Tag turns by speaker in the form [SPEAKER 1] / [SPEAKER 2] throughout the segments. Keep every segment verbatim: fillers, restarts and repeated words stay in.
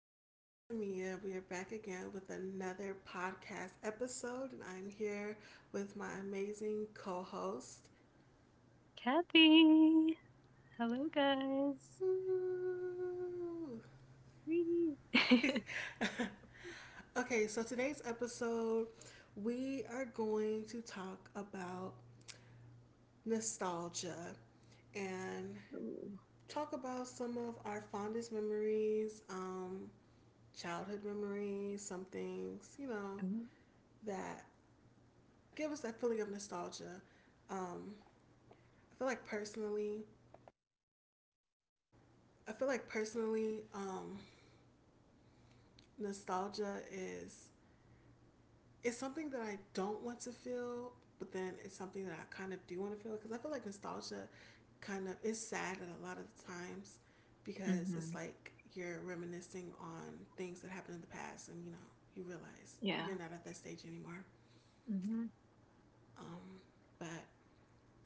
[SPEAKER 1] it is your girl Tamia. We are back again with another podcast episode, and I'm here with my amazing co-host.
[SPEAKER 2] Kathy. Hello, guys. Wee.
[SPEAKER 1] Okay, so today's episode, we are going to talk about nostalgia and
[SPEAKER 2] Ooh.
[SPEAKER 1] talk about some of our fondest memories, um, childhood memories, some things, you know,
[SPEAKER 2] Ooh.
[SPEAKER 1] that give us that feeling of nostalgia. Um, I feel like personally, I feel like personally, um, nostalgia is it's something that I don't want to feel, but then it's something that I kind of do want to feel because I feel like nostalgia kind of is sad at a lot of the times because it's
[SPEAKER 2] Mm-hmm.
[SPEAKER 1] like you're reminiscing on things that happened in the past, and you know you realize you're
[SPEAKER 2] Yeah.
[SPEAKER 1] not at that stage anymore.
[SPEAKER 2] Mm-hmm.
[SPEAKER 1] Um, but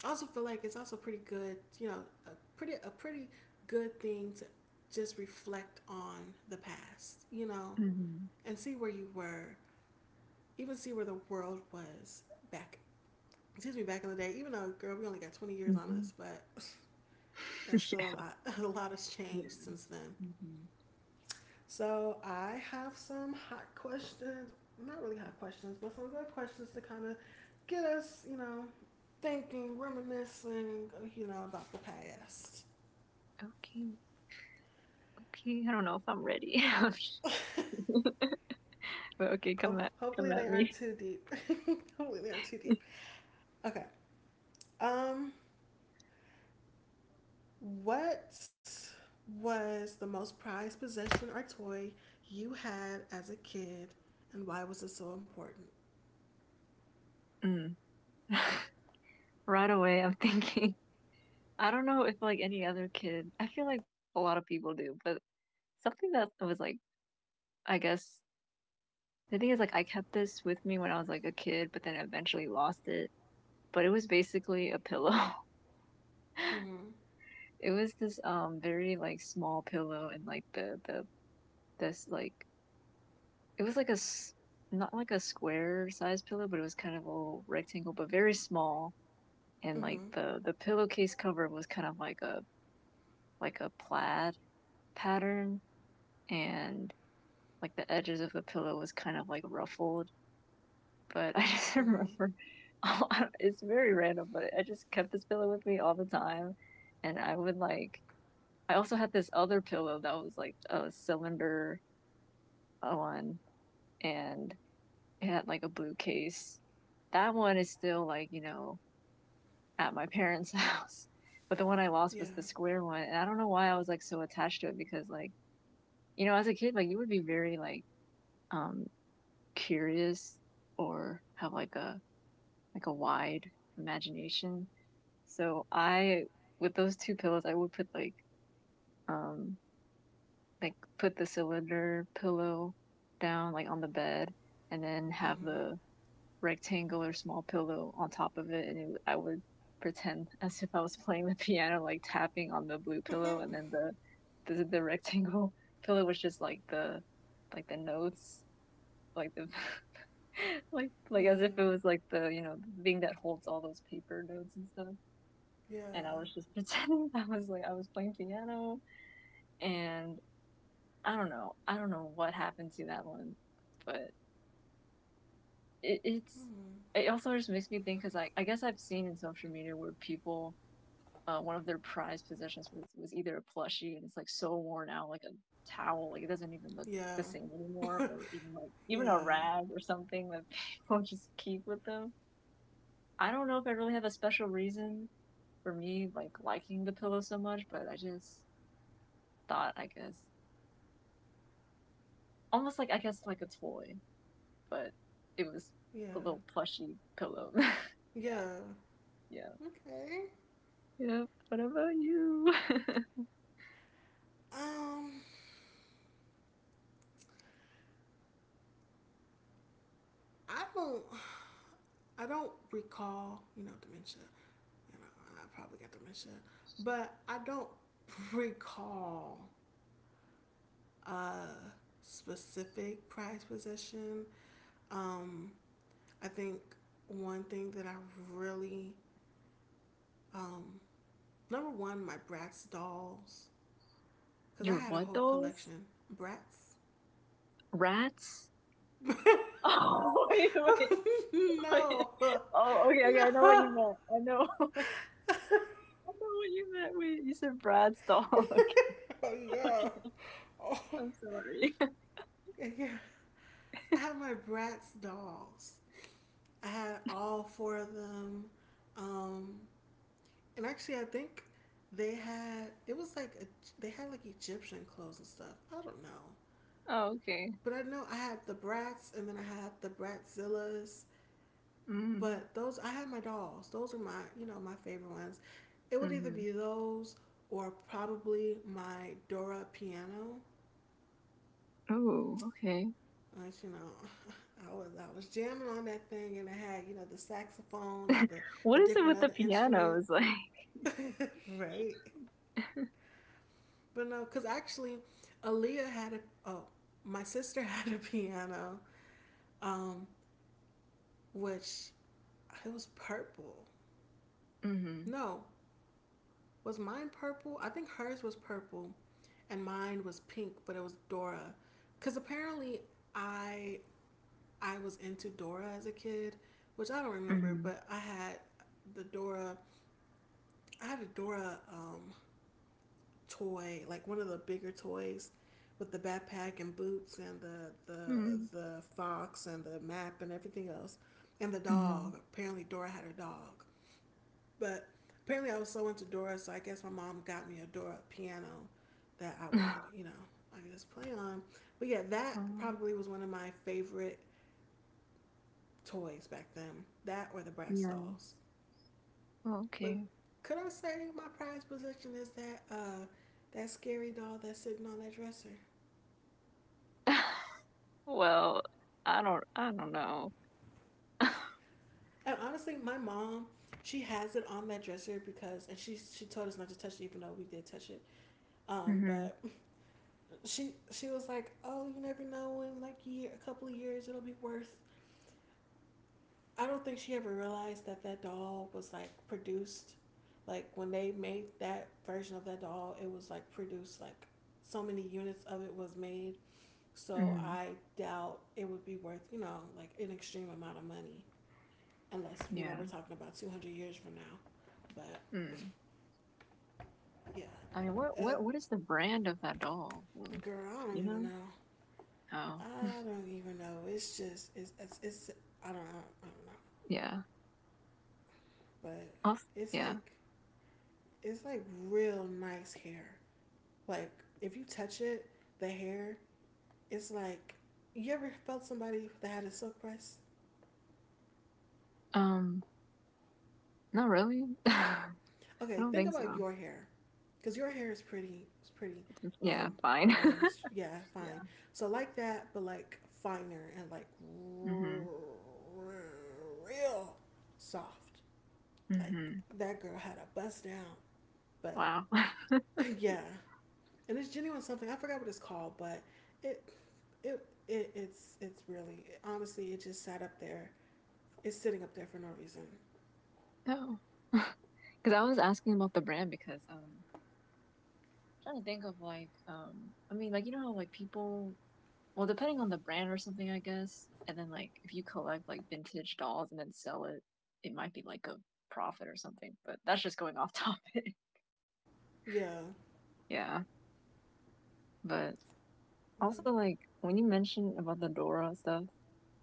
[SPEAKER 1] I also feel like it's also pretty good, you know, a pretty a pretty good thing to just reflect on the past, you know,
[SPEAKER 2] Mm-hmm.
[SPEAKER 1] and see where you were, even see where the world was back. Excuse me, back in the day. Even though, girl, we only got 20 years on us,
[SPEAKER 2] Mm-hmm.
[SPEAKER 1] but that's still a
[SPEAKER 2] Yeah.
[SPEAKER 1] lot. A lot has changed
[SPEAKER 2] Yeah.
[SPEAKER 1] since then.
[SPEAKER 2] Mm-hmm.
[SPEAKER 1] So I have some hot questions. Not really hot questions, but some good questions to kind of get us, you know, thinking, reminiscing, you know, about the past.
[SPEAKER 2] Okay, okay. I don't know if I'm ready. But okay, come
[SPEAKER 1] Ho-
[SPEAKER 2] at come
[SPEAKER 1] hopefully they
[SPEAKER 2] at
[SPEAKER 1] aren't
[SPEAKER 2] me.
[SPEAKER 1] too deep. Hopefully they aren't too deep. Okay. Um, what was the most prized possession or toy you had as a kid, and why was it so important?
[SPEAKER 2] Mm. Right away, I'm thinking, I don't know if like any other kid, I feel like a lot of people do, but something that was like, I guess the thing is like I kept this with me when I was like a kid, but then eventually lost it. But it was basically a pillow.
[SPEAKER 1] Mm-hmm.
[SPEAKER 2] It was this um very like small pillow, and like the the this like it was like a s- not like a square size pillow, but it was kind of a rectangle, but very small. And like
[SPEAKER 1] Mm-hmm.
[SPEAKER 2] the the pillowcase cover was kind of like a like a plaid pattern, and like the edges of the pillow was kind of like ruffled. But I just
[SPEAKER 1] Mm-hmm.
[SPEAKER 2] remember, it's very random, but I just kept this pillow with me all the time, and I would like I also had this other pillow that was like a cylinder uh, one, and it had like a blue case. That one is still like, you know, at my parents' house. But the one I lost
[SPEAKER 1] Yeah.
[SPEAKER 2] was the square one. And I don't know why I was like so attached to it because like, you know, as a kid, like you would be very like um curious or have like a like a wide imagination. So I with those two pillows I would put like um like put the cylinder pillow down like on the bed and then have
[SPEAKER 1] Mm-hmm.
[SPEAKER 2] the rectangular small pillow on top of it, and it, I would pretend as if I was playing the piano like tapping on the blue pillow, and then the the, the rectangle pillow was just like the like the notes like the like like
[SPEAKER 1] Yeah.
[SPEAKER 2] as if it was like the you know the thing that holds all those paper notes and stuff,
[SPEAKER 1] Yeah.
[SPEAKER 2] and I was just pretending I was like I was playing piano. And I don't know. I don't know what happened to that one, but it, it's
[SPEAKER 1] Mm-hmm.
[SPEAKER 2] it also just makes me think because I I guess I've seen in social media where people uh, one of their prized possessions was, was either a plushie and it's like so worn out like a towel like it doesn't even look
[SPEAKER 1] Yeah.
[SPEAKER 2] the same anymore, or even like even a
[SPEAKER 1] Yeah.
[SPEAKER 2] rag or something that people just keep with them. I don't know if I really have a special reason for me like liking the pillow so much, but I just thought I guess almost like I guess like a toy, but it was
[SPEAKER 1] Yeah.
[SPEAKER 2] a little plushy pillow. Yeah,
[SPEAKER 1] Yeah.
[SPEAKER 2] yeah,
[SPEAKER 1] Okay.
[SPEAKER 2] yeah. What about you?
[SPEAKER 1] Um, I don't. I don't recall, you know, dementia. I probably got dementia, but I don't recall a specific prized possession. Um, I think one thing that I really, um, number one, my Bratz dolls, because I
[SPEAKER 2] Your
[SPEAKER 1] had a
[SPEAKER 2] what
[SPEAKER 1] whole
[SPEAKER 2] dolls?
[SPEAKER 1] collection. Bratz.
[SPEAKER 2] Rats?
[SPEAKER 1] No,
[SPEAKER 2] Oh wait, wait, wait.
[SPEAKER 1] no.
[SPEAKER 2] Oh, okay, okay. I know what you meant. I know. I know what you meant. Wait, you said Brad's dog.
[SPEAKER 1] Oh yeah, oh
[SPEAKER 2] I'm sorry.
[SPEAKER 1] yeah. I had my Bratz dolls. I had all four of them. Um, and actually, I think they had it was like a, they had like Egyptian clothes and stuff. I don't know,
[SPEAKER 2] Oh, okay.
[SPEAKER 1] but I know I had the Bratz, and then I had the Bratzillas.
[SPEAKER 2] Mm.
[SPEAKER 1] But those, I had my dolls. Those are my you know my favorite ones. It would either
[SPEAKER 2] Mm-hmm.
[SPEAKER 1] be those or probably my Dora piano.
[SPEAKER 2] Ooh, okay.
[SPEAKER 1] you know, I was I was jamming on that thing, and I had, you know the saxophone and the the
[SPEAKER 2] What is it
[SPEAKER 1] different
[SPEAKER 2] with the
[SPEAKER 1] other instrument,
[SPEAKER 2] pianos? Like,
[SPEAKER 1] right? But no, because actually, Aaliyah had a oh my sister had a piano, um, which it was purple.
[SPEAKER 2] mm-hmm.
[SPEAKER 1] No, was mine purple? I think hers was purple, and mine was pink, but it was Dora, because apparently I I was into Dora as a kid, which I don't remember,
[SPEAKER 2] Mm-hmm.
[SPEAKER 1] but I had the Dora. I had a Dora, um, toy, like one of the bigger toys, with the backpack and boots and the the
[SPEAKER 2] Mm-hmm.
[SPEAKER 1] the fox and the map and everything else, and the
[SPEAKER 2] Mhm.
[SPEAKER 1] dog. Apparently, Dora had a dog, but apparently, I was so into Dora, so I guess my mom got me a Dora piano that I would, you know, I guess play on. But yeah, that
[SPEAKER 2] Um,
[SPEAKER 1] probably was one of my favorite toys back then. That or the Bratz
[SPEAKER 2] yeah.
[SPEAKER 1] dolls. But
[SPEAKER 2] Okay.
[SPEAKER 1] could I say my prized possession is that uh that scary doll that's sitting on that dresser?
[SPEAKER 2] Well, I don't I don't know.
[SPEAKER 1] And honestly, my mom, she has it on that dresser because, and she she told us not to touch it, even though we did touch it. Um,
[SPEAKER 2] Mhm.
[SPEAKER 1] but she she was like, "Oh, you never know. In like year, a couple of years, it'll be worth—" I don't think she ever realized that that doll was like produced. Like when they made that version of that doll, it was like produced like so many units of it was made. So
[SPEAKER 2] Mhm.
[SPEAKER 1] I doubt it would be worth, you know like, an extreme amount of money, unless, you know
[SPEAKER 2] Yeah.
[SPEAKER 1] we're talking about two hundred years from now. But
[SPEAKER 2] Mm.
[SPEAKER 1] yeah,
[SPEAKER 2] I mean, what
[SPEAKER 1] uh,
[SPEAKER 2] what what is the brand of that doll, though?
[SPEAKER 1] girl, I don't
[SPEAKER 2] You
[SPEAKER 1] even
[SPEAKER 2] know?
[SPEAKER 1] know.
[SPEAKER 2] Oh,
[SPEAKER 1] I don't even know. It's just it's it's, it's I don't I don't I don't know.
[SPEAKER 2] yeah.
[SPEAKER 1] But
[SPEAKER 2] Off.
[SPEAKER 1] it's
[SPEAKER 2] Yeah.
[SPEAKER 1] like it's like real nice hair. Like, if you touch it, the hair, it's like, you ever felt somebody that had a silk press?
[SPEAKER 2] Um. Not really. I
[SPEAKER 1] Okay,
[SPEAKER 2] don't
[SPEAKER 1] think
[SPEAKER 2] think
[SPEAKER 1] about
[SPEAKER 2] so.
[SPEAKER 1] your hair, because your hair is pretty, it's pretty,
[SPEAKER 2] Yeah,
[SPEAKER 1] um,
[SPEAKER 2] fine.
[SPEAKER 1] fine. It's- yeah,
[SPEAKER 2] Yeah.
[SPEAKER 1] fine. So like that, but like finer and like
[SPEAKER 2] Mhm.
[SPEAKER 1] real soft. Like
[SPEAKER 2] Mhm.
[SPEAKER 1] that girl had a bust down, but
[SPEAKER 2] Wow.
[SPEAKER 1] yeah, and it's genuine something. I forgot what it's called, but it, it, it it's it's really, honestly, it just sat up there. It's sitting up there for no reason.
[SPEAKER 2] No. Because I was asking about the brand because um trying to think of like um I mean like you know how like people well, depending on the brand or something, I guess. And then like if you collect like vintage dolls and then sell it, it might be like a profit or something. But that's just going off topic.
[SPEAKER 1] Yeah.
[SPEAKER 2] Yeah. But
[SPEAKER 1] Mm-hmm.
[SPEAKER 2] also like when you mentioned about the Dora stuff,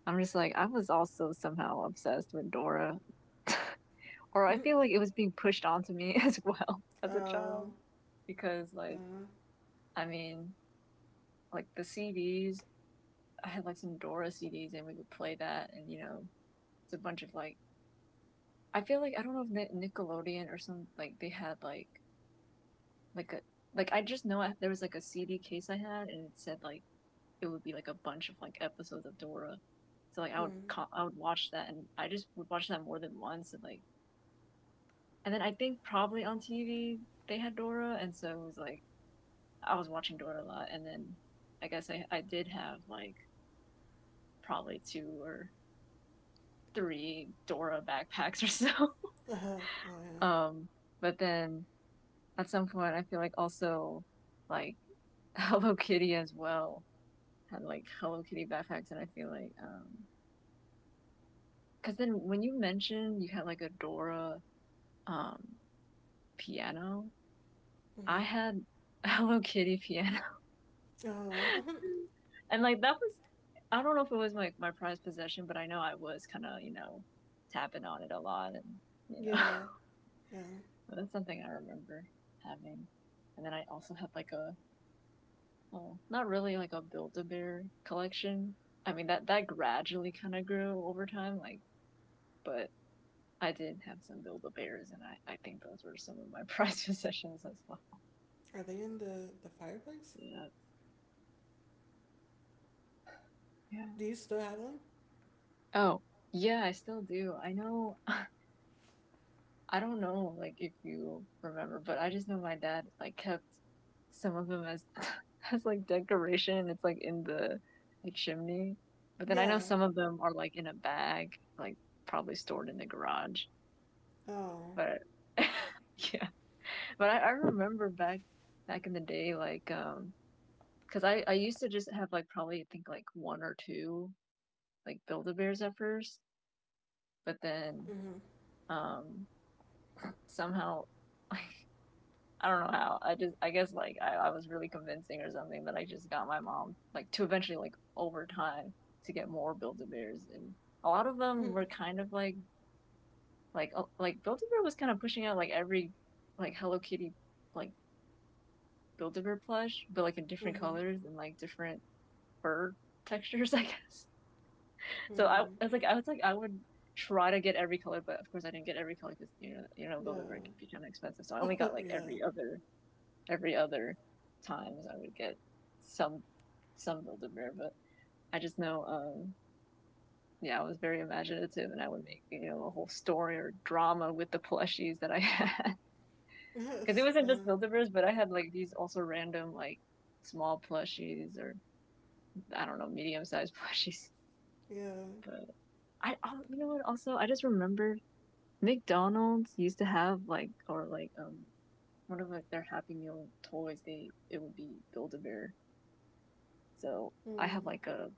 [SPEAKER 2] I'm just like I was also somehow obsessed with Dora. Or I feel like it was being pushed onto me as well as a
[SPEAKER 1] Oh.
[SPEAKER 2] child. Because like I mean, like the C Ds, I had like some Dora C Ds and we would play that, and you know, it's a bunch of like I feel like I don't know if Nickelodeon or some like they had like like a like I just know I, there was like a C D case I had and it said like it would be like a bunch of like episodes of Dora. So like I would
[SPEAKER 1] Mm-hmm.
[SPEAKER 2] I would watch that and I just would watch that more than once, and like and then I think probably on T V they had Dora and so it was like I was watching Dora a lot, and then I guess I I did have like probably two or three Dora backpacks or so.
[SPEAKER 1] Uh-huh. Oh yeah.
[SPEAKER 2] Um, but then at some point I feel like also like Hello Kitty as well had like Hello Kitty backpacks, and I feel like um because then when you mentioned you had like a Dora um piano, I
[SPEAKER 1] Mm-hmm.
[SPEAKER 2] had Hello Kitty piano,
[SPEAKER 1] Oh. Mhm.
[SPEAKER 2] and like that was I don't know if it was like my, my prized possession, but I know I was kind of you know tapping on it a lot, and you know
[SPEAKER 1] Yeah. Yeah.
[SPEAKER 2] that's something I remember having. And then I also had like a oh, not really like a Build-A-Bear collection. I mean that that gradually kind of grew over time, like, but I did have some Build-A-Bears, and I I think those were some of my prized possessions as well.
[SPEAKER 1] Are they in the the fireplace?
[SPEAKER 2] Yeah, yeah.
[SPEAKER 1] Do you still have one?
[SPEAKER 2] Oh, yeah, I still do. I know. I don't know, like if you remember, but I just know my dad like kept some of them as as like decoration. It's like in the the chimney, but then I
[SPEAKER 1] Yeah.
[SPEAKER 2] know some of them are like in a bag, like probably stored in the garage.
[SPEAKER 1] Oh.
[SPEAKER 2] But yeah, but I, I remember back back in the day like um because I, I used to just have like probably I think like one or two like build a bears at first, but then
[SPEAKER 1] Mm-hmm.
[SPEAKER 2] um somehow like I don't know how I just I guess like I, I was really convincing or something that I just got my mom like to eventually like over time to get more build a bears, and a lot of them were kind of like like uh, like build a bear was kind of pushing out like every like Hello Kitty like Build-A-Bear plush, but like in different
[SPEAKER 1] Mm-hmm.
[SPEAKER 2] colors and like different fur textures, I guess. So I, I
[SPEAKER 1] Mm-hmm.
[SPEAKER 2] was like, I was like, I would try to get every color, but of course I didn't get every color because you know, you know, Build-A-Bear
[SPEAKER 1] Yeah.
[SPEAKER 2] can be kind of expensive. So I only got like
[SPEAKER 1] Yeah.
[SPEAKER 2] every other, every other times I would get some, some Build-A-Bear. But I just know, um, yeah, I was very imaginative, and I would make you know a whole story or drama with the plushies that I had because it
[SPEAKER 1] Yes.
[SPEAKER 2] wasn't
[SPEAKER 1] Yeah.
[SPEAKER 2] just Build-A-Bears, but I had like these also random like small plushies or I don't know, medium sized plushies.
[SPEAKER 1] Yeah.
[SPEAKER 2] But I, oh, you know what? Also, I just remembered McDonald's used to have like, or like, um, one of like their Happy Meal toys. They it would be Build a Bear. So I have
[SPEAKER 1] Mm.
[SPEAKER 2] like a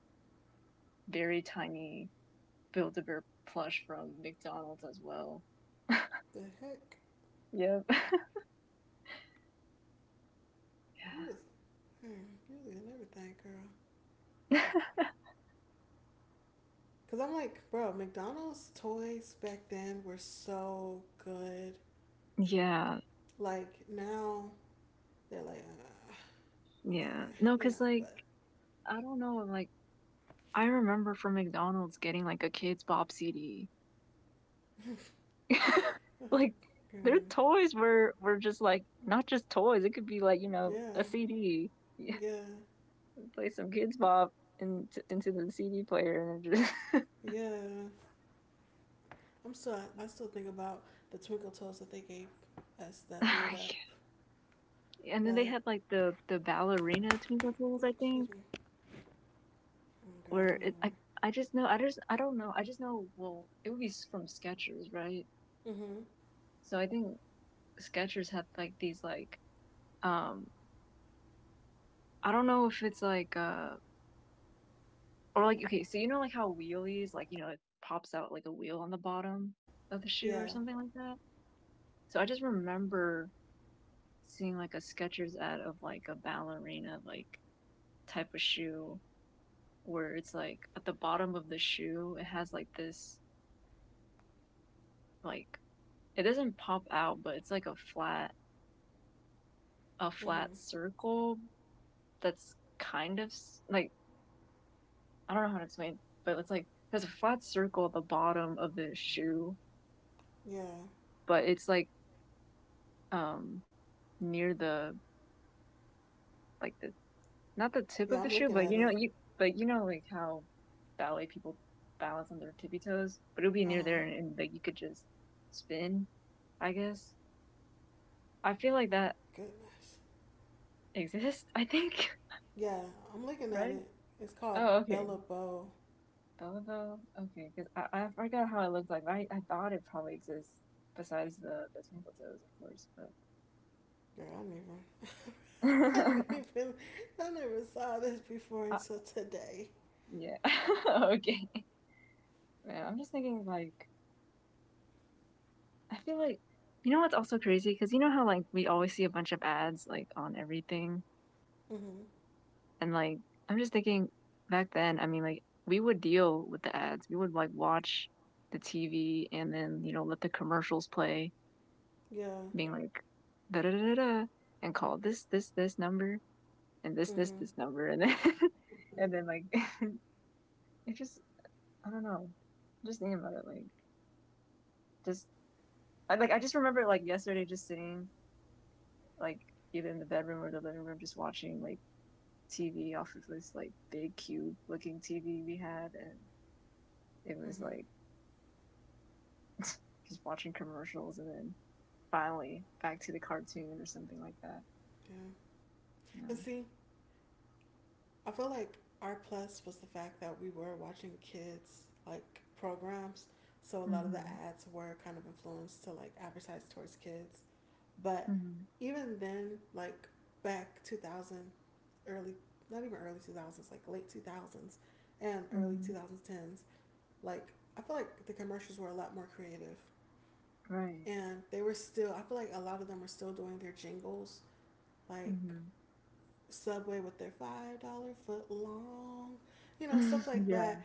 [SPEAKER 2] very tiny Build a Bear plush from McDonald's as well.
[SPEAKER 1] The heck?
[SPEAKER 2] Yep.
[SPEAKER 1] You was, mm, you was in everything, girl.
[SPEAKER 2] Yeah.
[SPEAKER 1] Cause I'm like, bro, McDonald's toys back then were so good.
[SPEAKER 2] Yeah.
[SPEAKER 1] Like now they're like, uh, eh,
[SPEAKER 2] Yeah. No,
[SPEAKER 1] you know,
[SPEAKER 2] cause like
[SPEAKER 1] but
[SPEAKER 2] I don't know, like I remember from McDonald's getting like a Kids Bop C D like their toys were were just like not just toys. It could be like you know
[SPEAKER 1] yeah,
[SPEAKER 2] a C D. Yeah,
[SPEAKER 1] yeah,
[SPEAKER 2] play some kids bop into into the C D player and just.
[SPEAKER 1] yeah. I'm still, I still think about the twinkle toes that they gave us that lit up.
[SPEAKER 2] And then they
[SPEAKER 1] Like,
[SPEAKER 2] had like the the ballerina Twinkle Twinkles,
[SPEAKER 1] ooh,
[SPEAKER 2] I
[SPEAKER 1] excuse
[SPEAKER 2] think,
[SPEAKER 1] me. Oh God, I
[SPEAKER 2] where
[SPEAKER 1] don't
[SPEAKER 2] it, I
[SPEAKER 1] even.
[SPEAKER 2] I just know I just I don't know I just know well it would be from Skechers, right?
[SPEAKER 1] Mhm.
[SPEAKER 2] So I think Skechers had like these like um I don't know if it's like uh or like okay, so you know like how wheelies, like, you know, it pops out like a wheel on the bottom of the shoe
[SPEAKER 1] Yeah.
[SPEAKER 2] or something like that? So I just remember seeing like a Skechers ad of like a ballerina like type of shoe where it's like at the bottom of the shoe it has like this like it doesn't pop out, but it's like a flat a flat
[SPEAKER 1] Mhm.
[SPEAKER 2] circle that's kind of s- like I don't know how to explain, but it's like there's a flat circle at the bottom of the shoe,
[SPEAKER 1] Yeah.
[SPEAKER 2] but it's like um near the like the not the tip
[SPEAKER 1] Yeah.
[SPEAKER 2] of the
[SPEAKER 1] I'm
[SPEAKER 2] shoe,
[SPEAKER 1] looking
[SPEAKER 2] but
[SPEAKER 1] at
[SPEAKER 2] you know
[SPEAKER 1] it.
[SPEAKER 2] you but you know like how ballet people balance on their tippy toes, but it'll be
[SPEAKER 1] Uh
[SPEAKER 2] near
[SPEAKER 1] huh.
[SPEAKER 2] there, and, and like you could just spin, I guess. I feel like
[SPEAKER 1] My
[SPEAKER 2] that
[SPEAKER 1] goodness.
[SPEAKER 2] exists, I think,
[SPEAKER 1] Yeah, I'm looking at
[SPEAKER 2] right?
[SPEAKER 1] it. It's called
[SPEAKER 2] Oh, okay.
[SPEAKER 1] Bella Bow.
[SPEAKER 2] Though though, okay, because I, I forgot how it looked like. I I thought it probably exists besides the the twinkle toes, of course, but
[SPEAKER 1] Girl, I don't even. I didn't even, I never saw this before
[SPEAKER 2] uh,
[SPEAKER 1] until today.
[SPEAKER 2] yeah, okay. Man, I'm just thinking like I feel like you know what's also crazy because you know how like we always see a bunch of ads like on everything,
[SPEAKER 1] Mm-hmm.
[SPEAKER 2] and like I'm just thinking back then. I mean, like we would deal with the ads. We would like watch the T V and then you know let the commercials play,
[SPEAKER 1] Yeah.
[SPEAKER 2] being like da da da da, and call this this this number and this this
[SPEAKER 1] Mm-hmm.
[SPEAKER 2] this number, and then and then like it just I don't know. I'm just thinking about it, like just I like I just remember like yesterday just sitting like either in the bedroom or the living room, just watching like T V off of this like big cube looking T V we had, and it was
[SPEAKER 1] Mm-hmm.
[SPEAKER 2] like just watching commercials, and then finally back to the cartoon or something like that.
[SPEAKER 1] Yeah. And
[SPEAKER 2] Yeah.
[SPEAKER 1] see, I feel like our plus was the fact that we were watching kids like programs, so a lot of the
[SPEAKER 2] Mm-hmm.
[SPEAKER 1] ads were kind of influenced to like advertise towards kids. But
[SPEAKER 2] Mm-hmm.
[SPEAKER 1] even then, like back two thousand, early, not even early two thousands, like late two thousands and early
[SPEAKER 2] Mm-hmm.
[SPEAKER 1] two thousand tens, like, I feel like the commercials were a lot more creative,
[SPEAKER 2] Right.
[SPEAKER 1] and they were still, I feel like a lot of them were still doing their jingles, like Subway with their five dollar foot long foot long, you know stuff
[SPEAKER 2] Mm-hmm.
[SPEAKER 1] like
[SPEAKER 2] yeah.
[SPEAKER 1] that.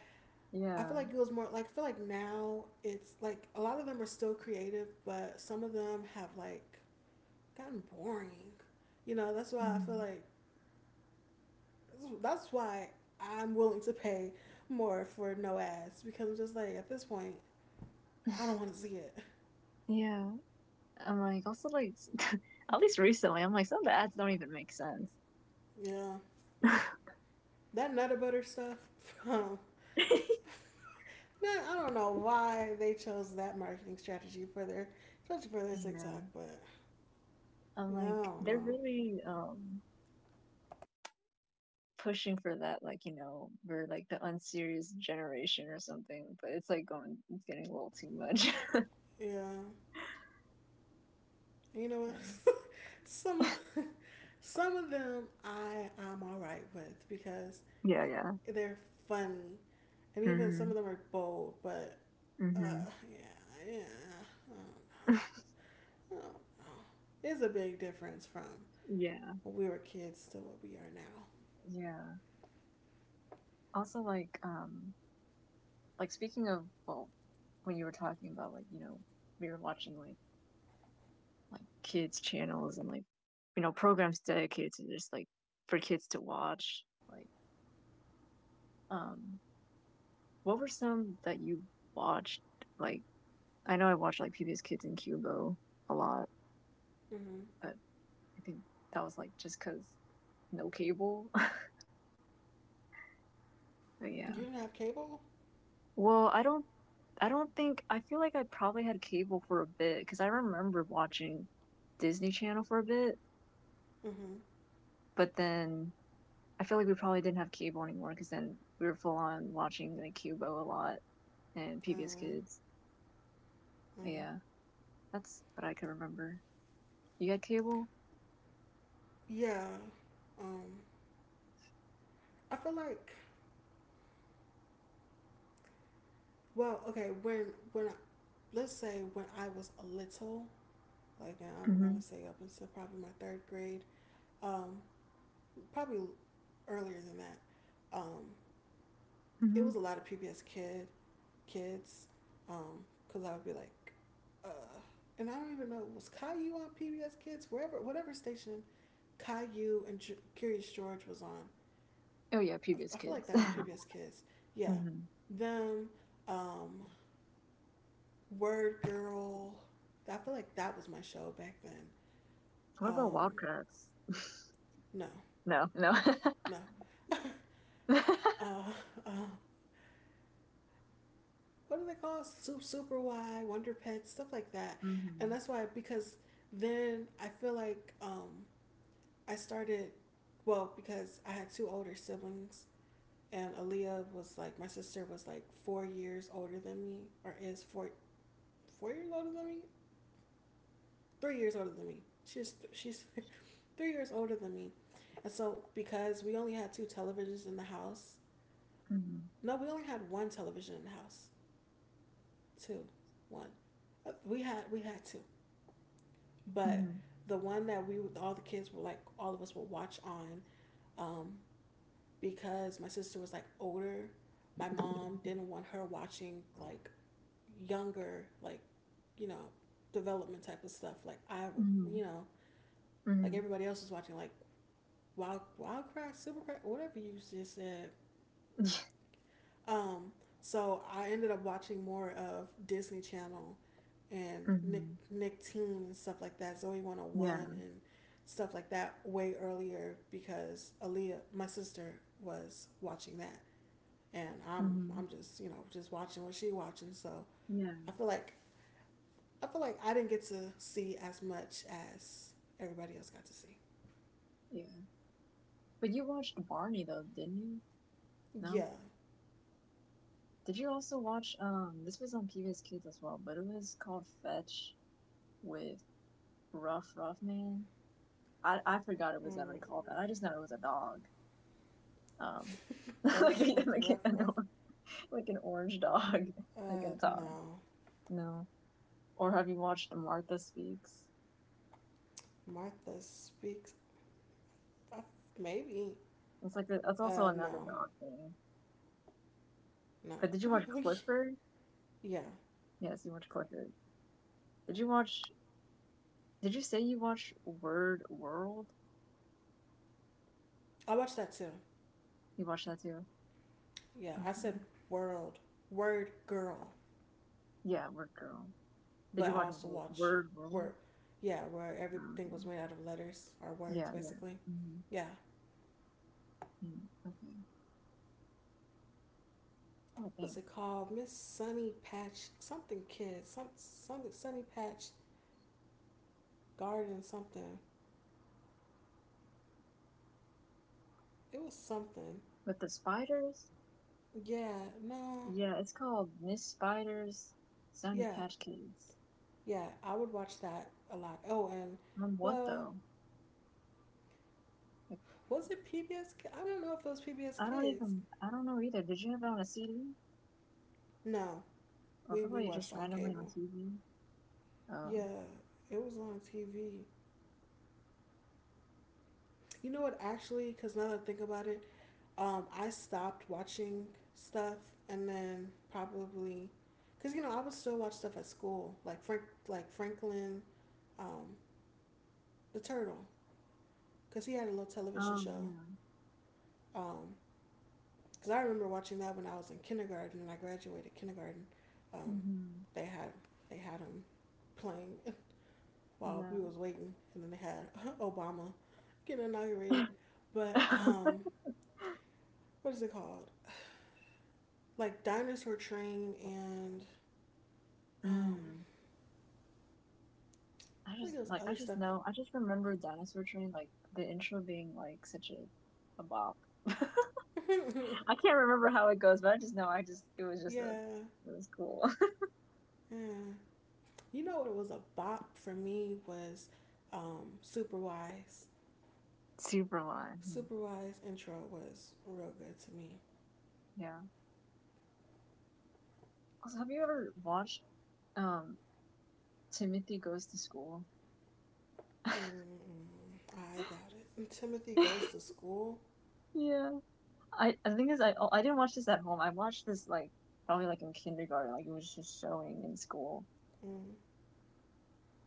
[SPEAKER 1] I
[SPEAKER 2] Yeah.
[SPEAKER 1] feel like it was more like, I feel like now it's like a lot of them are still creative, but some of them have, like, gotten boring, you know that's why i feel
[SPEAKER 2] Mm-hmm.
[SPEAKER 1] like that's why I'm willing to pay more for no ads, because I'm just like, at this point I don't want to see it.
[SPEAKER 2] yeah. I'm like also like at least recently, I'm like some of the ads don't even make sense.
[SPEAKER 1] Yeah, that Nutter Butter stuff from nah, I don't know why they chose that marketing strategy for their, especially for their
[SPEAKER 2] yeah.
[SPEAKER 1] TikTok, but
[SPEAKER 2] I'm
[SPEAKER 1] yeah, I
[SPEAKER 2] like
[SPEAKER 1] don't
[SPEAKER 2] they're
[SPEAKER 1] know.
[SPEAKER 2] really um pushing for that, like you know, we're like the unserious generation or something. But it's like going, it's getting a little too much.
[SPEAKER 1] Yeah, you know what?
[SPEAKER 2] And-
[SPEAKER 1] some of some of them I I'm all right with because
[SPEAKER 2] Yeah, yeah.
[SPEAKER 1] they're funny, and even some of
[SPEAKER 2] hmm
[SPEAKER 1] them are bold. But uh,
[SPEAKER 2] hmm
[SPEAKER 1] yeah, yeah, I don't, I don't know. It's a big difference from
[SPEAKER 2] yeah,
[SPEAKER 1] when we were kids to what we are now.
[SPEAKER 2] yeah. Also, like, um, like speaking of, well, when you were talking about, like, you know, we were watching like like kids channels and like, you know, programs dedicated to just like for kids to watch. Like, um, what were some that you watched like I know I watched like P B S Kids and Cubo a lot,
[SPEAKER 1] Mm-hmm.
[SPEAKER 2] but I think that was like just because no cable. but
[SPEAKER 1] You
[SPEAKER 2] yeah.
[SPEAKER 1] didn't have cable.
[SPEAKER 2] Well, I don't. I don't think. I feel like I probably had cable for a bit because I remember watching Disney Channel for a bit,
[SPEAKER 1] Mm-hmm.
[SPEAKER 2] but then I feel like we probably didn't have cable anymore because then we were full on watching like Cubo a lot and P B S
[SPEAKER 1] Um,
[SPEAKER 2] Kids. But
[SPEAKER 1] um,
[SPEAKER 2] yeah, that's what I can remember. You had cable?
[SPEAKER 1] yeah, um I feel like, well, okay, when when I, let's say, when I was a little, like, I'm
[SPEAKER 2] Mm-hmm.
[SPEAKER 1] gonna say up until probably my third grade, um probably earlier than that, um it
[SPEAKER 2] Mm-hmm.
[SPEAKER 1] was a lot of PBS kid kids, because, um I would be like uh and I don't even know, was Caillou on PBS Kids, wherever whatever station Caillou and Ju- Curious George was on.
[SPEAKER 2] Oh yeah, P B S
[SPEAKER 1] I, I feel like
[SPEAKER 2] Kids.
[SPEAKER 1] that was PBS Kids. Yeah,
[SPEAKER 2] mm-hmm.
[SPEAKER 1] them, um Word Girl. I feel like that was my show back then.
[SPEAKER 2] What about
[SPEAKER 1] Um,
[SPEAKER 2] Wildcats?
[SPEAKER 1] no,
[SPEAKER 2] No, no.
[SPEAKER 1] no. uh, uh, what do they call it? Super Super Y, Wonder Pets, stuff like that. And
[SPEAKER 2] hmm
[SPEAKER 1] that's why, because then I feel like, um, I started, well, because I had two older siblings, and Aaliyah was like my sister was like four years older than me, or is four four years older than me, three years older than me. She's she's three years older than me, and so because we only had two televisions in the house,
[SPEAKER 2] hmm
[SPEAKER 1] no, we only had one television in the house. Two, one. Uh, We had we had two, but
[SPEAKER 2] hmm
[SPEAKER 1] the one that we all the kids were like all of us would watch on, um, because my sister was like older. My mom didn't want her watching like younger, like, you know, development type of stuff. Like, I would,
[SPEAKER 2] hmm
[SPEAKER 1] you know, like,
[SPEAKER 2] hmm
[SPEAKER 1] everybody else was watching like Wild Wild Cry, Super Cry, whatever you just said. Um, so I ended up watching more of Disney Channel and Nick
[SPEAKER 2] hmm
[SPEAKER 1] Nick Teen and stuff like that, Zoe One Hundred One
[SPEAKER 2] Yeah.
[SPEAKER 1] and stuff like that way earlier, because Aaliyah, my sister, was watching that, and I'm
[SPEAKER 2] hmm
[SPEAKER 1] I'm just, you know just watching what she watching. So
[SPEAKER 2] Yeah.
[SPEAKER 1] I feel like I feel like I didn't get to see as much as everybody else got to see.
[SPEAKER 2] Yeah. But you watched Barney though, didn't you? No?
[SPEAKER 1] Yeah.
[SPEAKER 2] Did you also watch um this was on P B S Kids as well, but it was called Fetch with Ruff Ruff Man. I I forgot it was
[SPEAKER 1] Mm.
[SPEAKER 2] ever called that. I just know it was a dog. Um like
[SPEAKER 1] Fetch with
[SPEAKER 2] like
[SPEAKER 1] rough
[SPEAKER 2] an
[SPEAKER 1] rough
[SPEAKER 2] or- like an orange dog. Like
[SPEAKER 1] Uh,
[SPEAKER 2] a dog.
[SPEAKER 1] no.
[SPEAKER 2] No. Or have you watched Martha Speaks?
[SPEAKER 1] Martha Speaks. Uh, maybe.
[SPEAKER 2] It's like the, that's also
[SPEAKER 1] Uh,
[SPEAKER 2] another
[SPEAKER 1] no.
[SPEAKER 2] dog thing.
[SPEAKER 1] No.
[SPEAKER 2] But did you watch Clifford?
[SPEAKER 1] Yeah.
[SPEAKER 2] Yes, you watched Clifford. Did you watch? Did you say you watched Word World?
[SPEAKER 1] I watched that too.
[SPEAKER 2] You watched that too.
[SPEAKER 1] Yeah. I said
[SPEAKER 2] Okay.
[SPEAKER 1] world, Word Girl,
[SPEAKER 2] Yeah, Word Girl. Did
[SPEAKER 1] but
[SPEAKER 2] you
[SPEAKER 1] I
[SPEAKER 2] watch
[SPEAKER 1] also
[SPEAKER 2] Wo-
[SPEAKER 1] watch
[SPEAKER 2] Word World?
[SPEAKER 1] word. Yeah, where
[SPEAKER 2] Oh,
[SPEAKER 1] everything was
[SPEAKER 2] okay.
[SPEAKER 1] made out of letters or words,
[SPEAKER 2] Yeah, yeah.
[SPEAKER 1] basically.
[SPEAKER 2] hmm
[SPEAKER 1] Yeah.
[SPEAKER 2] Okay. I
[SPEAKER 1] What's
[SPEAKER 2] think
[SPEAKER 1] it called? Miss Sunny Patch something kid. Some something Sunny Patch Garden something. It was something.
[SPEAKER 2] with the spiders.
[SPEAKER 1] Yeah. No.
[SPEAKER 2] Yeah, it's called Miss Spiders, Sunny
[SPEAKER 1] Yeah.
[SPEAKER 2] Patch Kids.
[SPEAKER 1] Yeah, I would watch that a lot. Oh, and
[SPEAKER 2] On what
[SPEAKER 1] well,
[SPEAKER 2] though? Like,
[SPEAKER 1] was it P B S? I don't know if it was P B S
[SPEAKER 2] I don't
[SPEAKER 1] Kids.
[SPEAKER 2] even. I don't know either. Did you have it on a C D
[SPEAKER 1] No,
[SPEAKER 2] or
[SPEAKER 1] we we
[SPEAKER 2] probably
[SPEAKER 1] watched
[SPEAKER 2] just
[SPEAKER 1] on
[SPEAKER 2] randomly on
[SPEAKER 1] cable.
[SPEAKER 2] T V? Oh.
[SPEAKER 1] Yeah, it was on T V. You know what? Actually, because now that I think about it, um, I stopped watching stuff, and then probably, cause you know I would still watch stuff at school, like Frank, like Franklin, um, the Turtle, cause he had a little television
[SPEAKER 2] Oh,
[SPEAKER 1] show.
[SPEAKER 2] yeah.
[SPEAKER 1] Um, Because I remember watching that when I was in kindergarten and I graduated kindergarten. Um,
[SPEAKER 2] Mhm.
[SPEAKER 1] they had they had him playing while
[SPEAKER 2] Yeah.
[SPEAKER 1] we was waiting, and then they had Obama getting inaugurated. But um, what is it called? Like Dinosaur Train and um,
[SPEAKER 2] Mm. I
[SPEAKER 1] I think
[SPEAKER 2] just
[SPEAKER 1] it was
[SPEAKER 2] like I
[SPEAKER 1] other
[SPEAKER 2] just
[SPEAKER 1] stuff.
[SPEAKER 2] know I just remember Dinosaur Train like the intro being like such a a bop. I can't remember how it goes, but I just know I just it was just a
[SPEAKER 1] yeah,
[SPEAKER 2] it was cool.
[SPEAKER 1] yeah. You know what it was a bop for me was um, Super Wise.
[SPEAKER 2] Super one. Mhm.
[SPEAKER 1] Super Wise intro was real good to me.
[SPEAKER 2] Yeah. Also, have you ever watched um Timothy Goes to School?
[SPEAKER 1] Mm-mm. I doubt it. And Timothy goes to school.
[SPEAKER 2] Yeah. I I think is, I oh, I didn't watch this at home. I watched this like probably like in kindergarten. Like it was just showing in school.
[SPEAKER 1] Mm,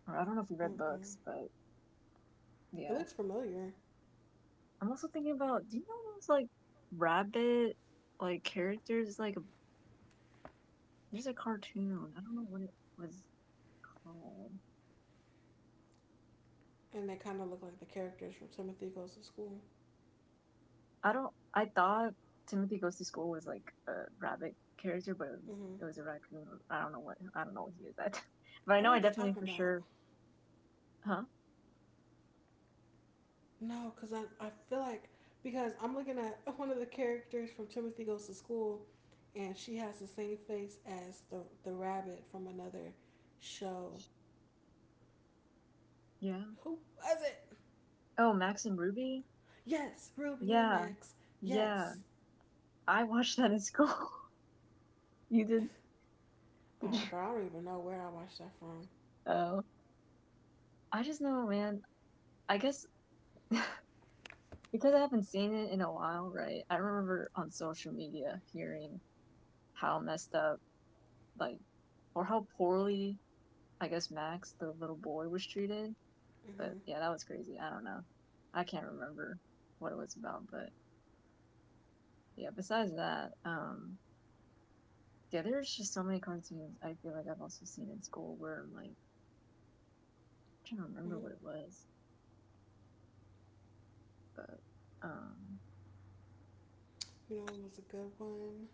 [SPEAKER 2] Or I don't know if we read
[SPEAKER 1] mm-mm.
[SPEAKER 2] books, but
[SPEAKER 1] It
[SPEAKER 2] Yeah.
[SPEAKER 1] looks familiar,
[SPEAKER 2] I'm also thinking about do you know those like rabbit like characters like there's a cartoon. I don't know what it was called.
[SPEAKER 1] and they kind of look like the characters from Timothy Goes to School.
[SPEAKER 2] I don't I thought Timothy Goes to School was like a rabbit character, but it was
[SPEAKER 1] Hmm.
[SPEAKER 2] it was a raccoon. I don't know what I don't know what he is at. But I
[SPEAKER 1] I know
[SPEAKER 2] know I
[SPEAKER 1] what you're
[SPEAKER 2] definitely
[SPEAKER 1] talking
[SPEAKER 2] for
[SPEAKER 1] about.
[SPEAKER 2] sure Huh?
[SPEAKER 1] No, because I, I feel like because I'm looking at one of the characters from Timothy Goes to School, and she has the same face as the the rabbit from another show.
[SPEAKER 2] Yeah.
[SPEAKER 1] Who was it?
[SPEAKER 2] Oh, Max and Ruby?
[SPEAKER 1] Yes, Ruby and
[SPEAKER 2] Yeah.
[SPEAKER 1] Max.
[SPEAKER 2] Yeah.
[SPEAKER 1] Yes.
[SPEAKER 2] I watched that in school. you did
[SPEAKER 1] Uh,
[SPEAKER 2] did you?
[SPEAKER 1] girl, I don't even know where I watched that from.
[SPEAKER 2] Oh. I just know, man. I guess because I haven't seen it in a while, right? I remember on social media hearing how messed up, like, or how poorly, I guess, Max, the little boy, was treated. But
[SPEAKER 1] Hmm.
[SPEAKER 2] yeah, that was crazy. I don't know. I can't remember what it was about. But yeah, besides that, um, yeah, there's just so many cartoons I feel like I've also seen in school where I'm like, I'm trying to remember what it
[SPEAKER 1] Hmm.
[SPEAKER 2] was. But, um,
[SPEAKER 1] You know, it was a good one.